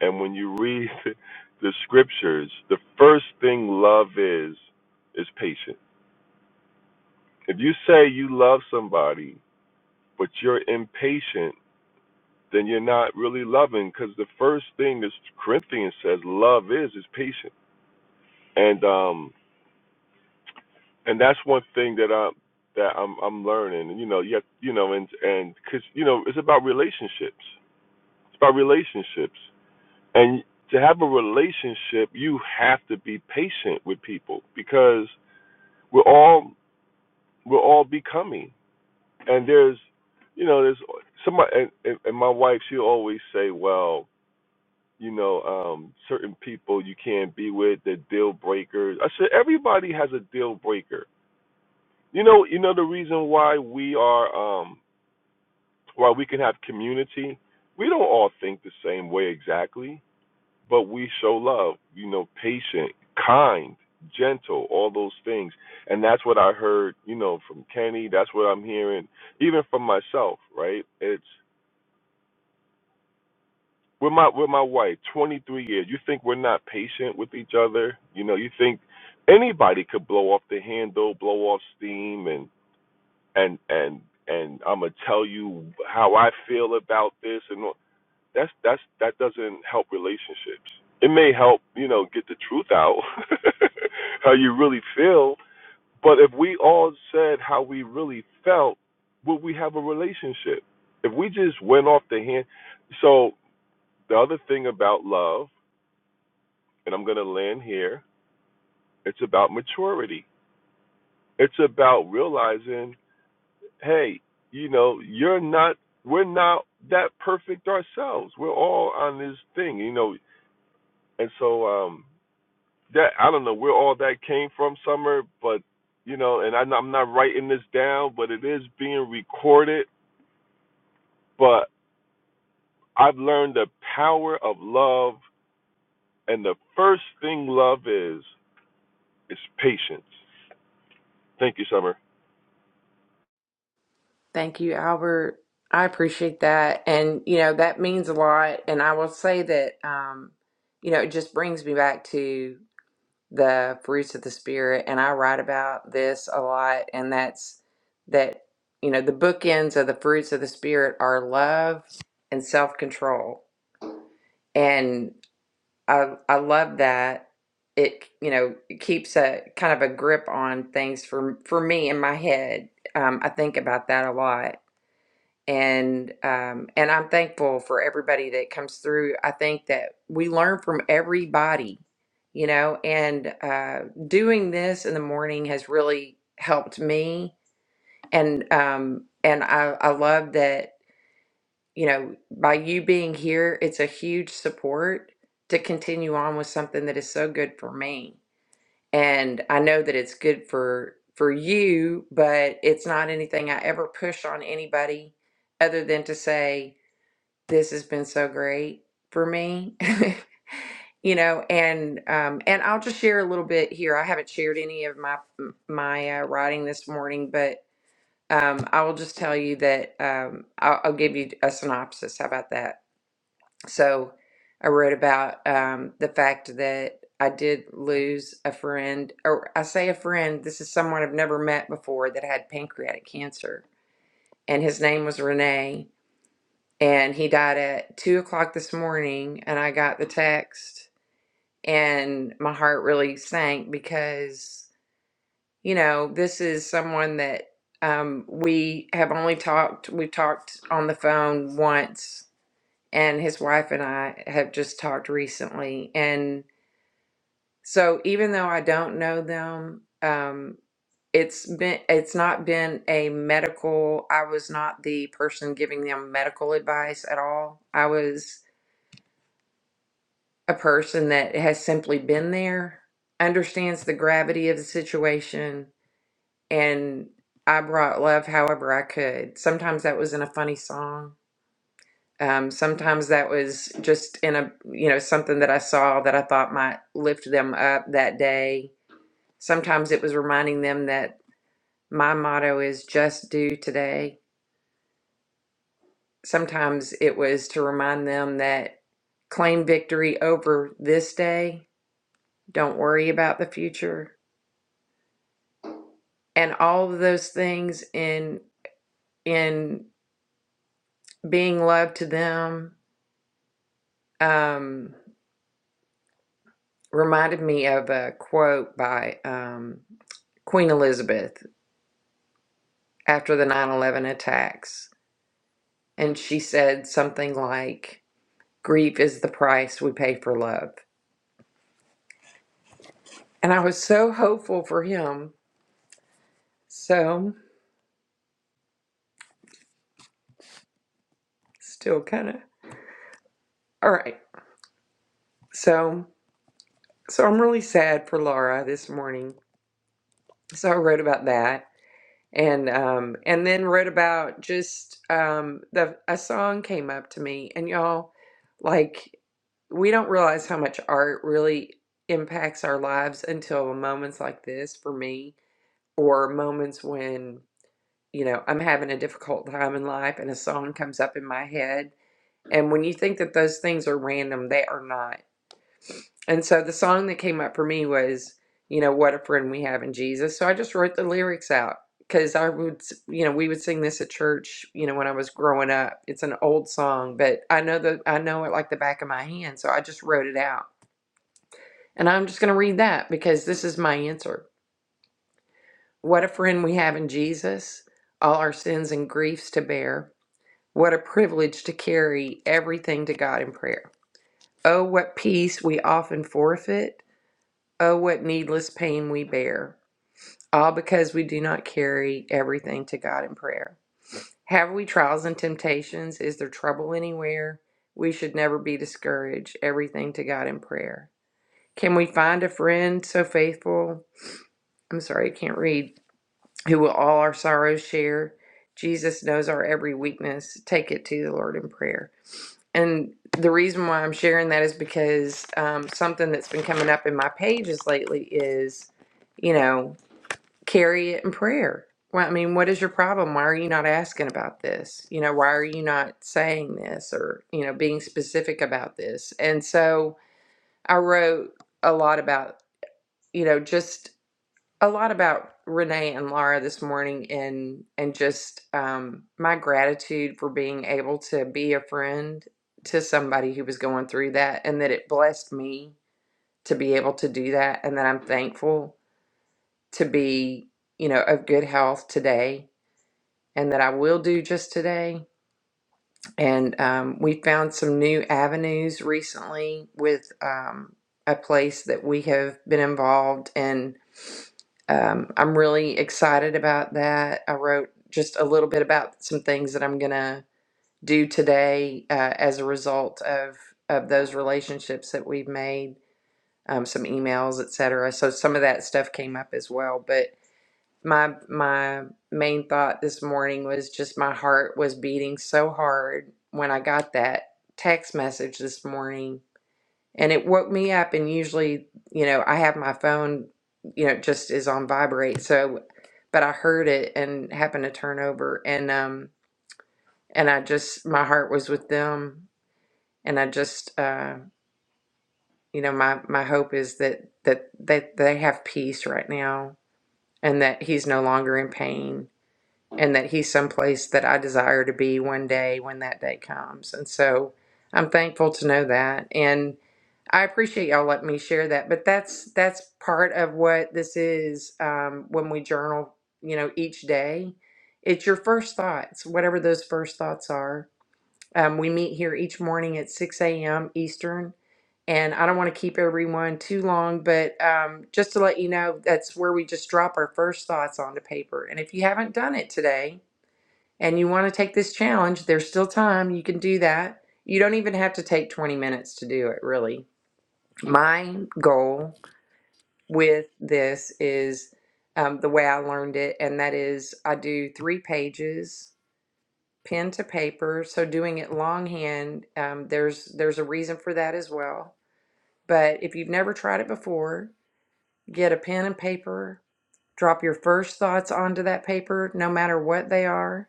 And when you read *laughs* the scriptures, the first thing love is is patient. If you say you love somebody but you're impatient, then you're not really loving because the first thing that Corinthians says love is is patient. And um and that's one thing that I that I'm I'm learning. And you know, you have, you know, and and because you know it's about relationships. It's about relationships. And to have a relationship, you have to be patient with people because we're all we're all becoming and there's you know there's somebody and, and, and my wife she always say well you know um certain people you can't be with they're deal breakers i said everybody has a deal breaker you know you know the reason why we are um why we can have community we don't all think the same way exactly but we show love, you know, patient, kind, gentle, all those things. And that's what I heard, you know, from Kenny. That's what I'm hearing, even from myself, right? It's with my with my wife, 23 years. You think we're not patient with each other? You know, you think anybody could blow off the handle, blow off steam, and and and and I'm gonna tell you how I feel about this and all. that's that's that doesn't help relationships. It may help, you know, get the truth out *laughs* how you really feel. But if we all said how we really felt, would we have a relationship? If we just went off the hand so the other thing about love, and I'm gonna land here, it's about maturity. It's about realizing, hey, you know, you're not we're not that perfect ourselves. We're all on this thing, you know, and so um that I don't know where all that came from, Summer, but you know, and I'm, I'm not writing this down, but it is being recorded. But I've learned the power of love, and the first thing love is is patience. Thank you, Summer.
Thank you, Albert. I appreciate that. And, you know, that means a lot. And I will say that, um, you know, it just brings me back to the fruits of the spirit and i write about this a lot and that's that you know the bookends of the fruits of the spirit are love and self-control and i i love that it you know it keeps a kind of a grip on things for for me in my head um, i think about that a lot and um, and I'm thankful for everybody that comes through. I think that we learn from everybody, you know, and uh, doing this in the morning has really helped me. And um, and I, I love that you know by you being here, it's a huge support to continue on with something that is so good for me. And I know that it's good for for you, but it's not anything I ever push on anybody other than to say this has been so great for me *laughs* you know and um and i'll just share a little bit here i haven't shared any of my my uh, writing this morning but um i will just tell you that um i'll, I'll give you a synopsis how about that so i wrote about um the fact that i did lose a friend or i say a friend this is someone i've never met before that had pancreatic cancer and his name was renee and he died at two o'clock this morning and i got the text and my heart really sank because you know this is someone that um, we have only talked we talked on the phone once and his wife and i have just talked recently and so even though i don't know them um, it's been it's not been a medical i was not the person giving them medical advice at all i was a person that has simply been there, understands the gravity of the situation, and I brought love however I could. Sometimes that was in a funny song. Um, sometimes that was just in a you know something that I saw that I thought might lift them up that day. Sometimes it was reminding them that my motto is just do today. Sometimes it was to remind them that claim victory over this day. Don't worry about the future and all of those things in in being love to them um, reminded me of a quote by um, Queen Elizabeth after the 9/11 attacks, and she said something like, "Grief is the price we pay for love," and I was so hopeful for him. So still kind of all right. So so I'm really sad for Laura this morning. So I wrote about that. and um and then wrote about just um the a song came up to me and y'all like we don't realize how much art really impacts our lives until moments like this for me or moments when you know I'm having a difficult time in life and a song comes up in my head and when you think that those things are random they are not and so the song that came up for me was, you know, what a friend we have in Jesus. So I just wrote the lyrics out because I would, you know, we would sing this at church, you know, when I was growing up. It's an old song, but I know the, I know it like the back of my hand. So I just wrote it out. And I'm just going to read that because this is my answer. What a friend we have in Jesus, all our sins and griefs to bear. What a privilege to carry everything to God in prayer. Oh, what peace we often forfeit Oh, what needless pain we bear, all because we do not carry everything to God in prayer. Have we trials and temptations? Is there trouble anywhere? We should never be discouraged. Everything to God in prayer. Can we find a friend so faithful? I'm sorry, I can't read. Who will all our sorrows share? Jesus knows our every weakness. Take it to the Lord in prayer. And the reason why I'm sharing that is because um, something that's been coming up in my pages lately is, you know, carry it in prayer. Well, I mean, what is your problem? Why are you not asking about this? You know, why are you not saying this or, you know, being specific about this? And so I wrote a lot about, you know, just a lot about Renee and Laura this morning and and just um my gratitude for being able to be a friend to somebody who was going through that and that it blessed me to be able to do that and that I'm thankful to be you know, of good health today and that I will do just today. And um, we found some new avenues recently with um, a place that we have been involved in. Um, I'm really excited about that. I wrote just a little bit about some things that I'm going to do today uh, as a result of, of those relationships that we've made, um, some emails, etc. So some of that stuff came up as well. but my my main thought this morning was just my heart was beating so hard when I got that text message this morning and it woke me up and usually you know I have my phone you know just is on vibrate so but I heard it and happened to turn over and um and I just my heart was with them and I just uh you know my my hope is that that that they have peace right now and that he's no longer in pain and that he's someplace that I desire to be one day when that day comes. And so I'm thankful to know that. And I appreciate y'all letting me share that. But that's that's part of what this is um, when we journal, you know, each day. It's your first thoughts, whatever those first thoughts are. Um, we meet here each morning at 6 a.m. Eastern. And I don't want to keep everyone too long, but um, just to let you know, that's where we just drop our first thoughts onto paper. And if you haven't done it today, and you want to take this challenge, there's still time. You can do that. You don't even have to take 20 minutes to do it, really. My goal with this is um, the way I learned it, and that is I do three pages, pen to paper. So doing it longhand, um, there's there's a reason for that as well. But if you've never tried it before, get a pen and paper. Drop your first thoughts onto that paper, no matter what they are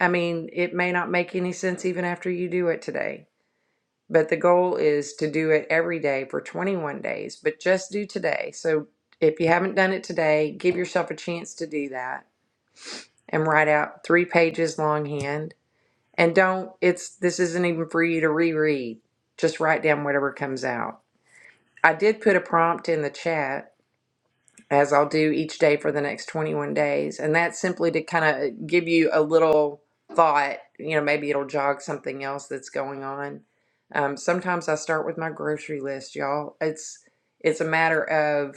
I mean, it may not make any sense even after you do it today, but the goal is to do it every day for 21 days, but just do today. So if you haven't done it today, give yourself a chance to do that and write out three pages longhand. And don't, it's, this isn't even for you to reread. Just write down whatever comes out. I did put a prompt in the chat as I'll do each day for the next 21 days. And that's simply to kind of give you a little thought. You know, maybe it'll jog something else that's going on. Um, sometimes I start with my grocery list, y'all. It's it's a matter of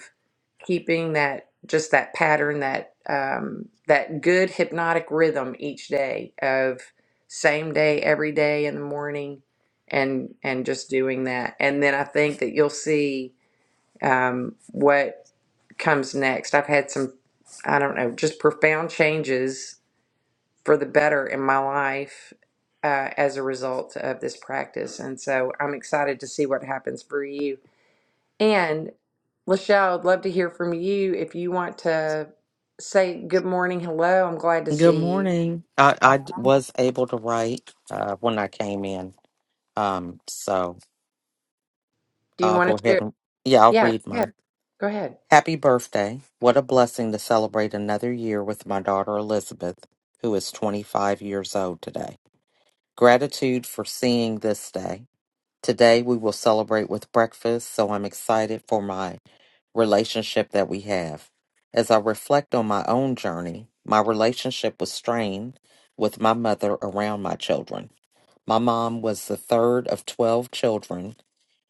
keeping that just that pattern, that um, that good hypnotic rhythm each day of same day every day in the morning, and and just doing that. And then I think that you'll see um, what comes next. I've had some, I don't know, just profound changes for the better in my life uh, as a result of this practice. And so I'm excited to see what happens for you. And Lachelle, I'd love to hear from you. If you want to say good morning, hello, I'm glad to
Good
see you.
morning. I, I d- was able to write uh, when I came in. Um, so
Do you
I'll go
want to
ahead
share?
and, yeah, I'll
Yeah,
read
go ahead.
mine.
Go ahead.
Happy birthday. What a blessing to celebrate another year with my daughter Elizabeth, who is 25 years old today. Gratitude for seeing this day. Today we will celebrate with breakfast, so I'm excited for my relationship that we have. As I reflect on my own journey, my relationship was strained with my mother around my children. My mom was the third of 12 children,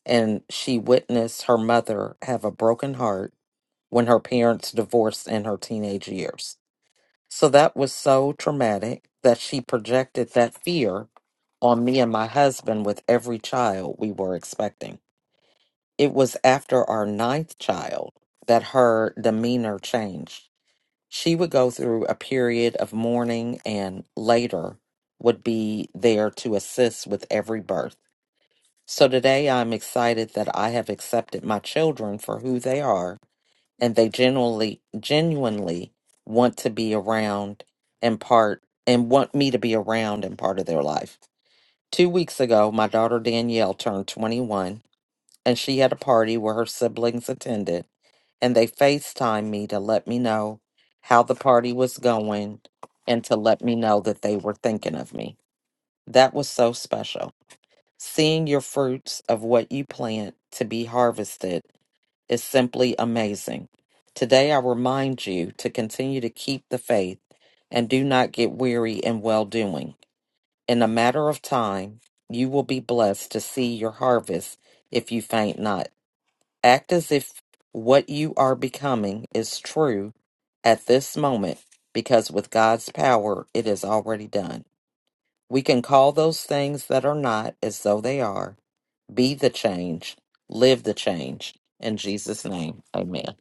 and she witnessed her mother have a broken heart when her parents divorced in her teenage years. So that was so traumatic that she projected that fear on me and my husband with every child we were expecting. It was after our ninth child that her demeanor changed. She would go through a period of mourning and later would be there to assist with every birth. So today I'm excited that I have accepted my children for who they are and they genuinely genuinely want to be around and part and want me to be around and part of their life. 2 weeks ago my daughter Danielle turned 21 and she had a party where her siblings attended and they FaceTimed me to let me know how the party was going and to let me know that they were thinking of me. That was so special. Seeing your fruits of what you plant to be harvested is simply amazing. Today, I remind you to continue to keep the faith and do not get weary in well doing. In a matter of time, you will be blessed to see your harvest if you faint not. Act as if what you are becoming is true at this moment, because with God's power, it is already done. We can call those things that are not as though they are be the change. Live the change. In Jesus' name, amen.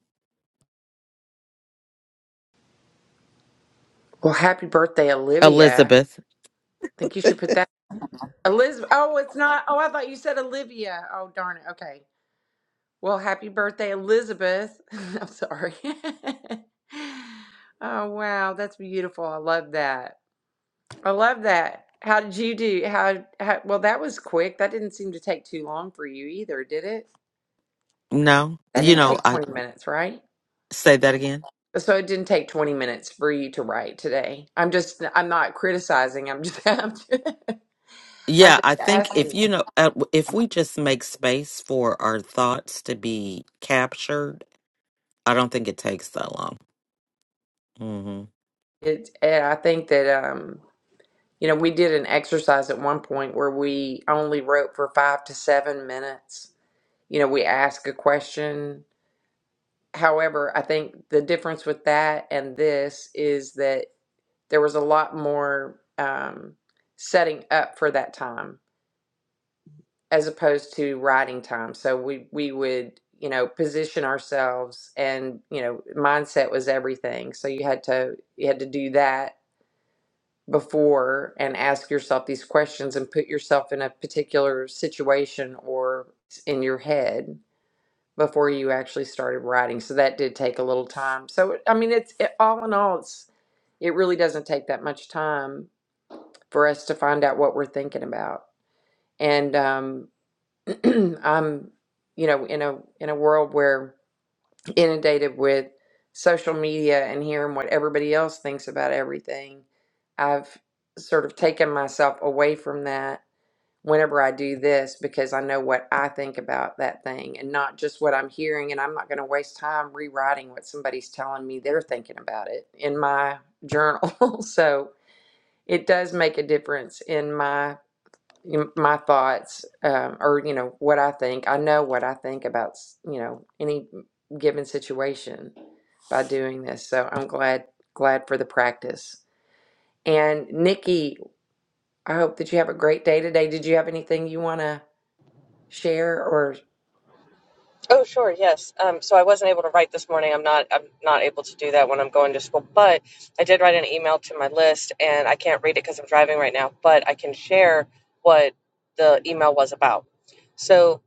Well, happy birthday, Olivia. I
Elizabeth.
think you should put that. Elizabeth. Oh, it's not. Oh, I thought you said Olivia. Oh, darn it. Okay. Well, happy birthday, Elizabeth. *laughs* I'm sorry. *laughs* Oh, wow, that's beautiful. I love that. I love that. How did you do? How, how, well, that was quick. That didn't seem to take too long for you either, did it?
No,
That
you
didn't
know,
take
I
20 minutes, right?
say that again.
So it didn't take 20 minutes for you to write today. I'm just, I'm not criticizing. I'm just, *laughs* I'm just, I'm
Yeah,
just
I
*laughs*
think if
asking.
you know, uh, if we just make space for our thoughts to be captured, I don't think it takes that long. Mm-hmm.
It, and I think that, um, You know, we did an exercise at one point where we only wrote for five to seven minutes. You know, we ask a question. However, I think the difference with that and this is that there was a lot more um, setting up for that time as opposed to writing time. So we we would you know position ourselves and you know mindset was everything. So you had to you had to do that before and ask yourself these questions and put yourself in a particular situation or in your head before you actually started writing. So that did take a little time. So I mean, it's it, all in all, it's it really doesn't take that much time for us to find out what we're thinking about. And um, *clears throat* I'm, you know, in a in a world where inundated with social media and hearing what everybody else thinks about everything, I've sort of taken myself away from that whenever I do this because I know what I think about that thing and not just what I'm hearing. And I'm not going to waste time rewriting what somebody's telling me they're thinking about it in my journal. *laughs* so it does make a difference in my in my thoughts um, or you know what i think i know what i think about s- you know any given situation by doing this. So I'm glad glad for the practice. And Nikki, I hope that you have a great day today. Did you have anything you want to share or
Oh, sure, yes. Um, so I wasn't able to write this morning. I'm not. I'm not able to do that when I'm going to school. But I did write an email to my list, and I can't read it because I'm driving right now. But I can share what the email was about. So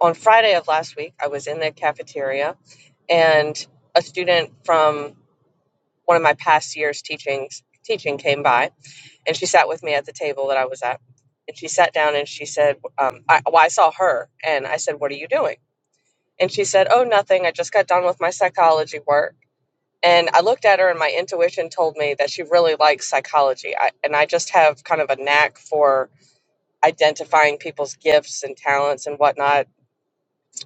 on Friday of last week, I was in the cafeteria, and a student from one of my past years' teachings teaching came by, and she sat with me at the table that I was at. And she sat down and she said, um, I, well, I saw her, and I said, "What are you doing?" And she said, Oh, nothing. I just got done with my psychology work. And I looked at her, and my intuition told me that she really likes psychology. I, and I just have kind of a knack for identifying people's gifts and talents and whatnot.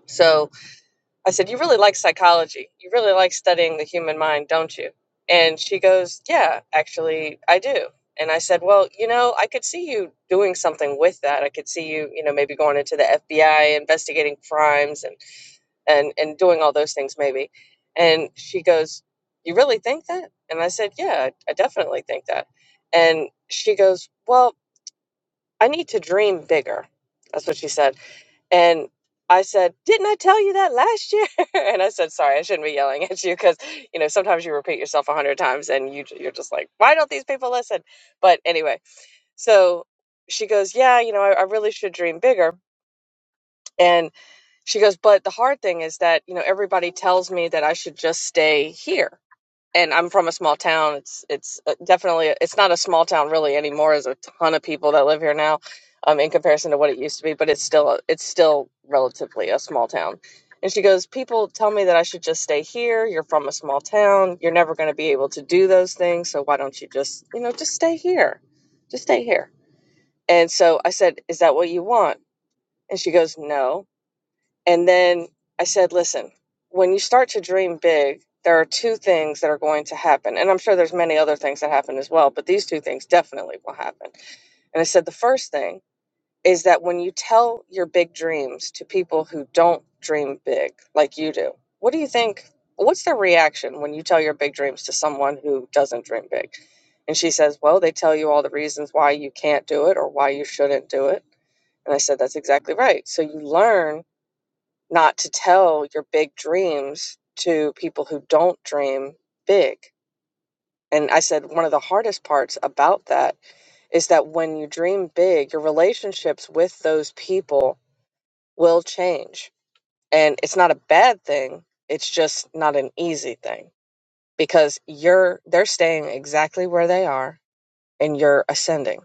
So I said, You really like psychology. You really like studying the human mind, don't you? And she goes, Yeah, actually, I do. And I said, Well, you know, I could see you doing something with that. I could see you, you know, maybe going into the FBI, investigating crimes and and and doing all those things maybe and she goes you really think that and i said yeah i, I definitely think that and she goes well i need to dream bigger that's what she said and i said didn't i tell you that last year *laughs* and i said sorry i shouldn't be yelling at you because you know sometimes you repeat yourself a hundred times and you you're just like why don't these people listen but anyway so she goes yeah you know i, I really should dream bigger And she goes, but the hard thing is that, you know, everybody tells me that I should just stay here. And I'm from a small town. It's it's uh, definitely it's not a small town really anymore. There's a ton of people that live here now, um, in comparison to what it used to be. But it's still it's still relatively a small town. And she goes, people tell me that I should just stay here. You're from a small town. You're never going to be able to do those things. So why don't you just you know just stay here, just stay here. And so I said, is that what you want? And she goes, no. And then I said, listen, when you start to dream big, there are two things that are going to happen. And I'm sure there's many other things that happen as well, but these two things definitely will happen. And I said, the first thing is that when you tell your big dreams to people who don't dream big like you do, what do you think? What's their reaction when you tell your big dreams to someone who doesn't dream big? And she says, Well, they tell you all the reasons why you can't do it or why you shouldn't do it. And I said, That's exactly right. So you learn not to tell your big dreams to people who don't dream big. And I said, one of the hardest parts about that is that when you dream big, your relationships with those people will change. And it's not a bad thing, it's just not an easy thing because you're they're staying exactly where they are and you're ascending.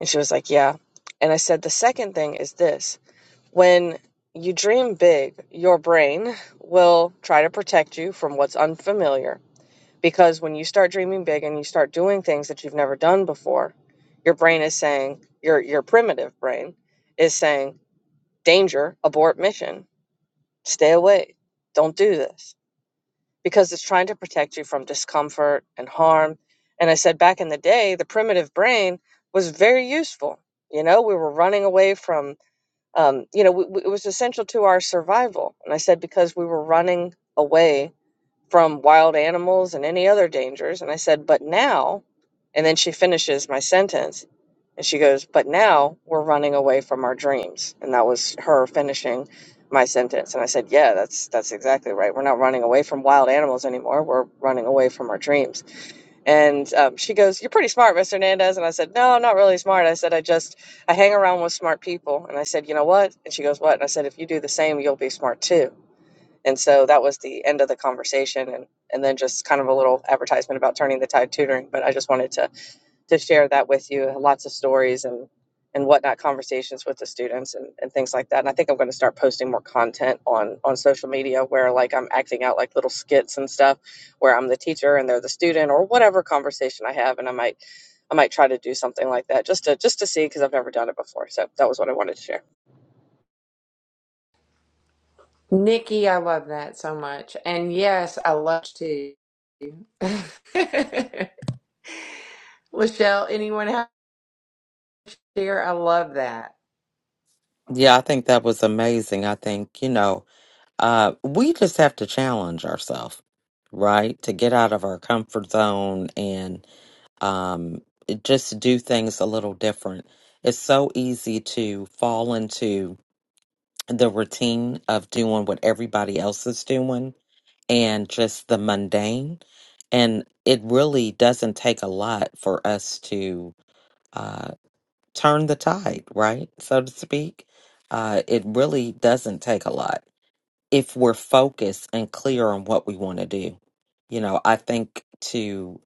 And she was like, "Yeah." And I said, "The second thing is this. When you dream big, your brain will try to protect you from what's unfamiliar. Because when you start dreaming big and you start doing things that you've never done before, your brain is saying, your, your primitive brain is saying, danger, abort mission, stay away, don't do this. Because it's trying to protect you from discomfort and harm. And I said back in the day, the primitive brain was very useful. You know, we were running away from um, you know, w w- it was essential to our survival. And I said, because we were running away from wild animals and any other dangers. And I said, but now, and then she finishes my sentence and she goes, but now we're running away from our dreams. And that was her finishing my sentence. And I said, yeah, that's, that's exactly right. We're not running away from wild animals anymore. We're running away from our dreams. And um, she goes, "You're pretty smart, Miss Hernandez." And I said, "No, I'm not really smart." I said, "I just I hang around with smart people." And I said, "You know what?" And she goes, "What?" And I said, "If you do the same, you'll be smart too." And so that was the end of the conversation, and and then just kind of a little advertisement about turning the tide tutoring. But I just wanted to to share that with you. Lots of stories and and whatnot, conversations with the students and, and things like that. And I think I'm going to start posting more content on on social media where like I'm acting out like little skits and stuff, where I'm the teacher and they're the student or whatever conversation I have. And I might I might try to do something like that just to just to see because I've never done it before. So that was what I wanted to share.
Nikki, I love that so much. And yes, I love to. *laughs* Lachelle, anyone have to share? I love that.
Yeah, I think that was amazing. I think, you know, uh, we just have to challenge ourselves, right? To get out of our comfort zone and um, just do things a little different. It's so easy to fall into the routine of doing what everybody else is doing and just the mundane. And it really doesn't take a lot for us to. uh, turn the tide, right? So to speak. Uh, it really doesn't take a lot if we're focused and clear on what we want to do. You know, I think to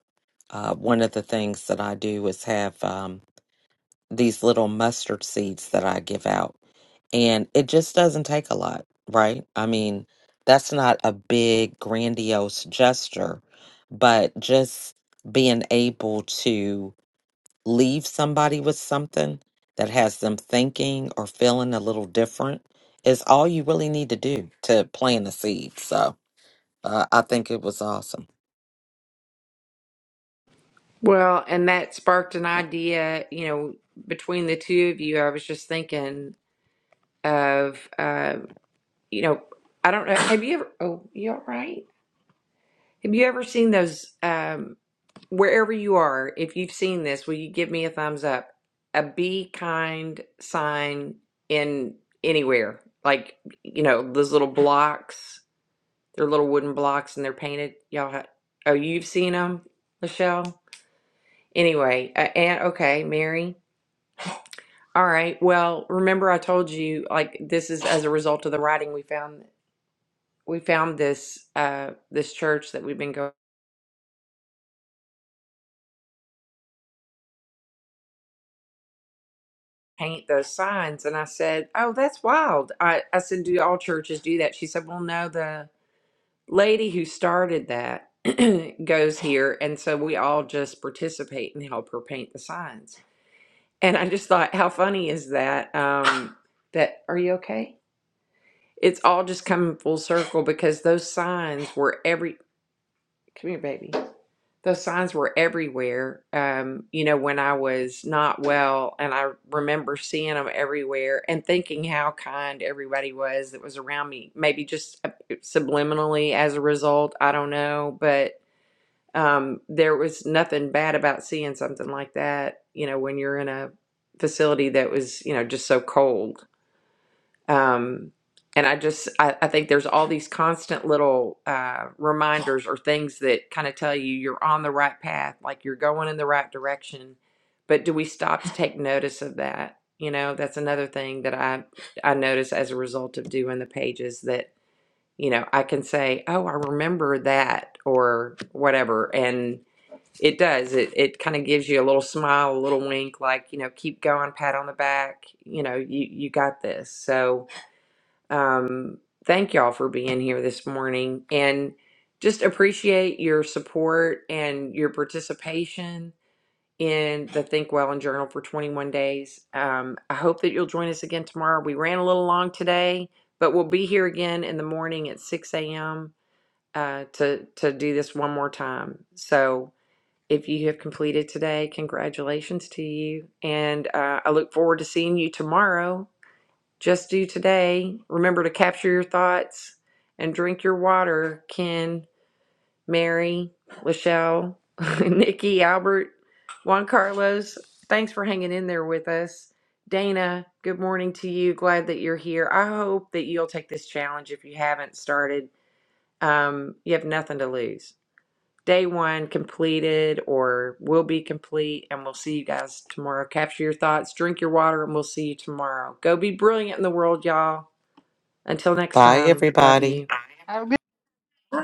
uh, one of the things that I do is have um, these little mustard seeds that I give out, and it just doesn't take a lot, right? I mean, that's not a big, grandiose gesture, but just being able to leave somebody with something that has them thinking or feeling a little different is all you really need to do to plant a seed. So uh, I think it was awesome.
Well, and that sparked an idea, you know, between the two of you. I was just thinking of, uh, you know, I don't know. Have you ever, oh, you all right? Have you ever seen those, um, wherever you are, if you've seen this, will you give me a thumbs up? A be kind sign in anywhere, like, you know, those little blocks, they're little wooden blocks and they're painted. Y'all, ha- oh, you've seen them, Michelle? Anyway, uh, and okay, Mary. All right. Well, remember I told you like this is as a result of the writing we found we found this uh this church that we've been going paint those signs and I said, "Oh, that's wild." I I said, "Do all churches do that?" She said, "Well, no, the lady who started that *clears throat* goes here and so we all just participate and help her paint the signs." And I just thought, "How funny is that?" Um that are you okay? It's all just coming full circle because those signs were every Come here, baby the signs were everywhere. Um, you know, when I was not well, and I remember seeing them everywhere and thinking how kind everybody was that was around me. Maybe just uh, subliminally as a result, I don't know, but um, there was nothing bad about seeing something like that. You know, when you're in a facility that was, you know, just so cold um, and i just I, I think there's all these constant little uh, reminders or things that kind of tell you you're on the right path like you're going in the right direction but do we stop to take notice of that you know that's another thing that i i notice as a result of doing the pages that you know i can say oh i remember that or whatever and it does it it kind of gives you a little smile a little wink like you know keep going pat on the back you know you you got this so um, thank y'all for being here this morning and just appreciate your support and your participation in the Think Well and Journal for 21 days. Um, I hope that you'll join us again tomorrow. We ran a little long today, but we'll be here again in the morning at 6 a.m. Uh, to to do this one more time. So if you have completed today, congratulations to you, and uh, I look forward to seeing you tomorrow just do today. Remember to capture your thoughts and drink your water, Ken, Mary, Lachelle, *laughs* Nikki, Albert, Juan Carlos. Thanks for hanging in there with us. Dana, good morning to you. Glad that you're here. I hope that you'll take this challenge if you haven't started. Um, you have nothing to lose. Day one completed or will be complete, and we'll see you guys tomorrow. Capture your thoughts, drink your water, and we'll see you tomorrow. Go be brilliant in the world, y'all. Until next
Bye,
time, love
everybody.
you.
Have a good
Bye.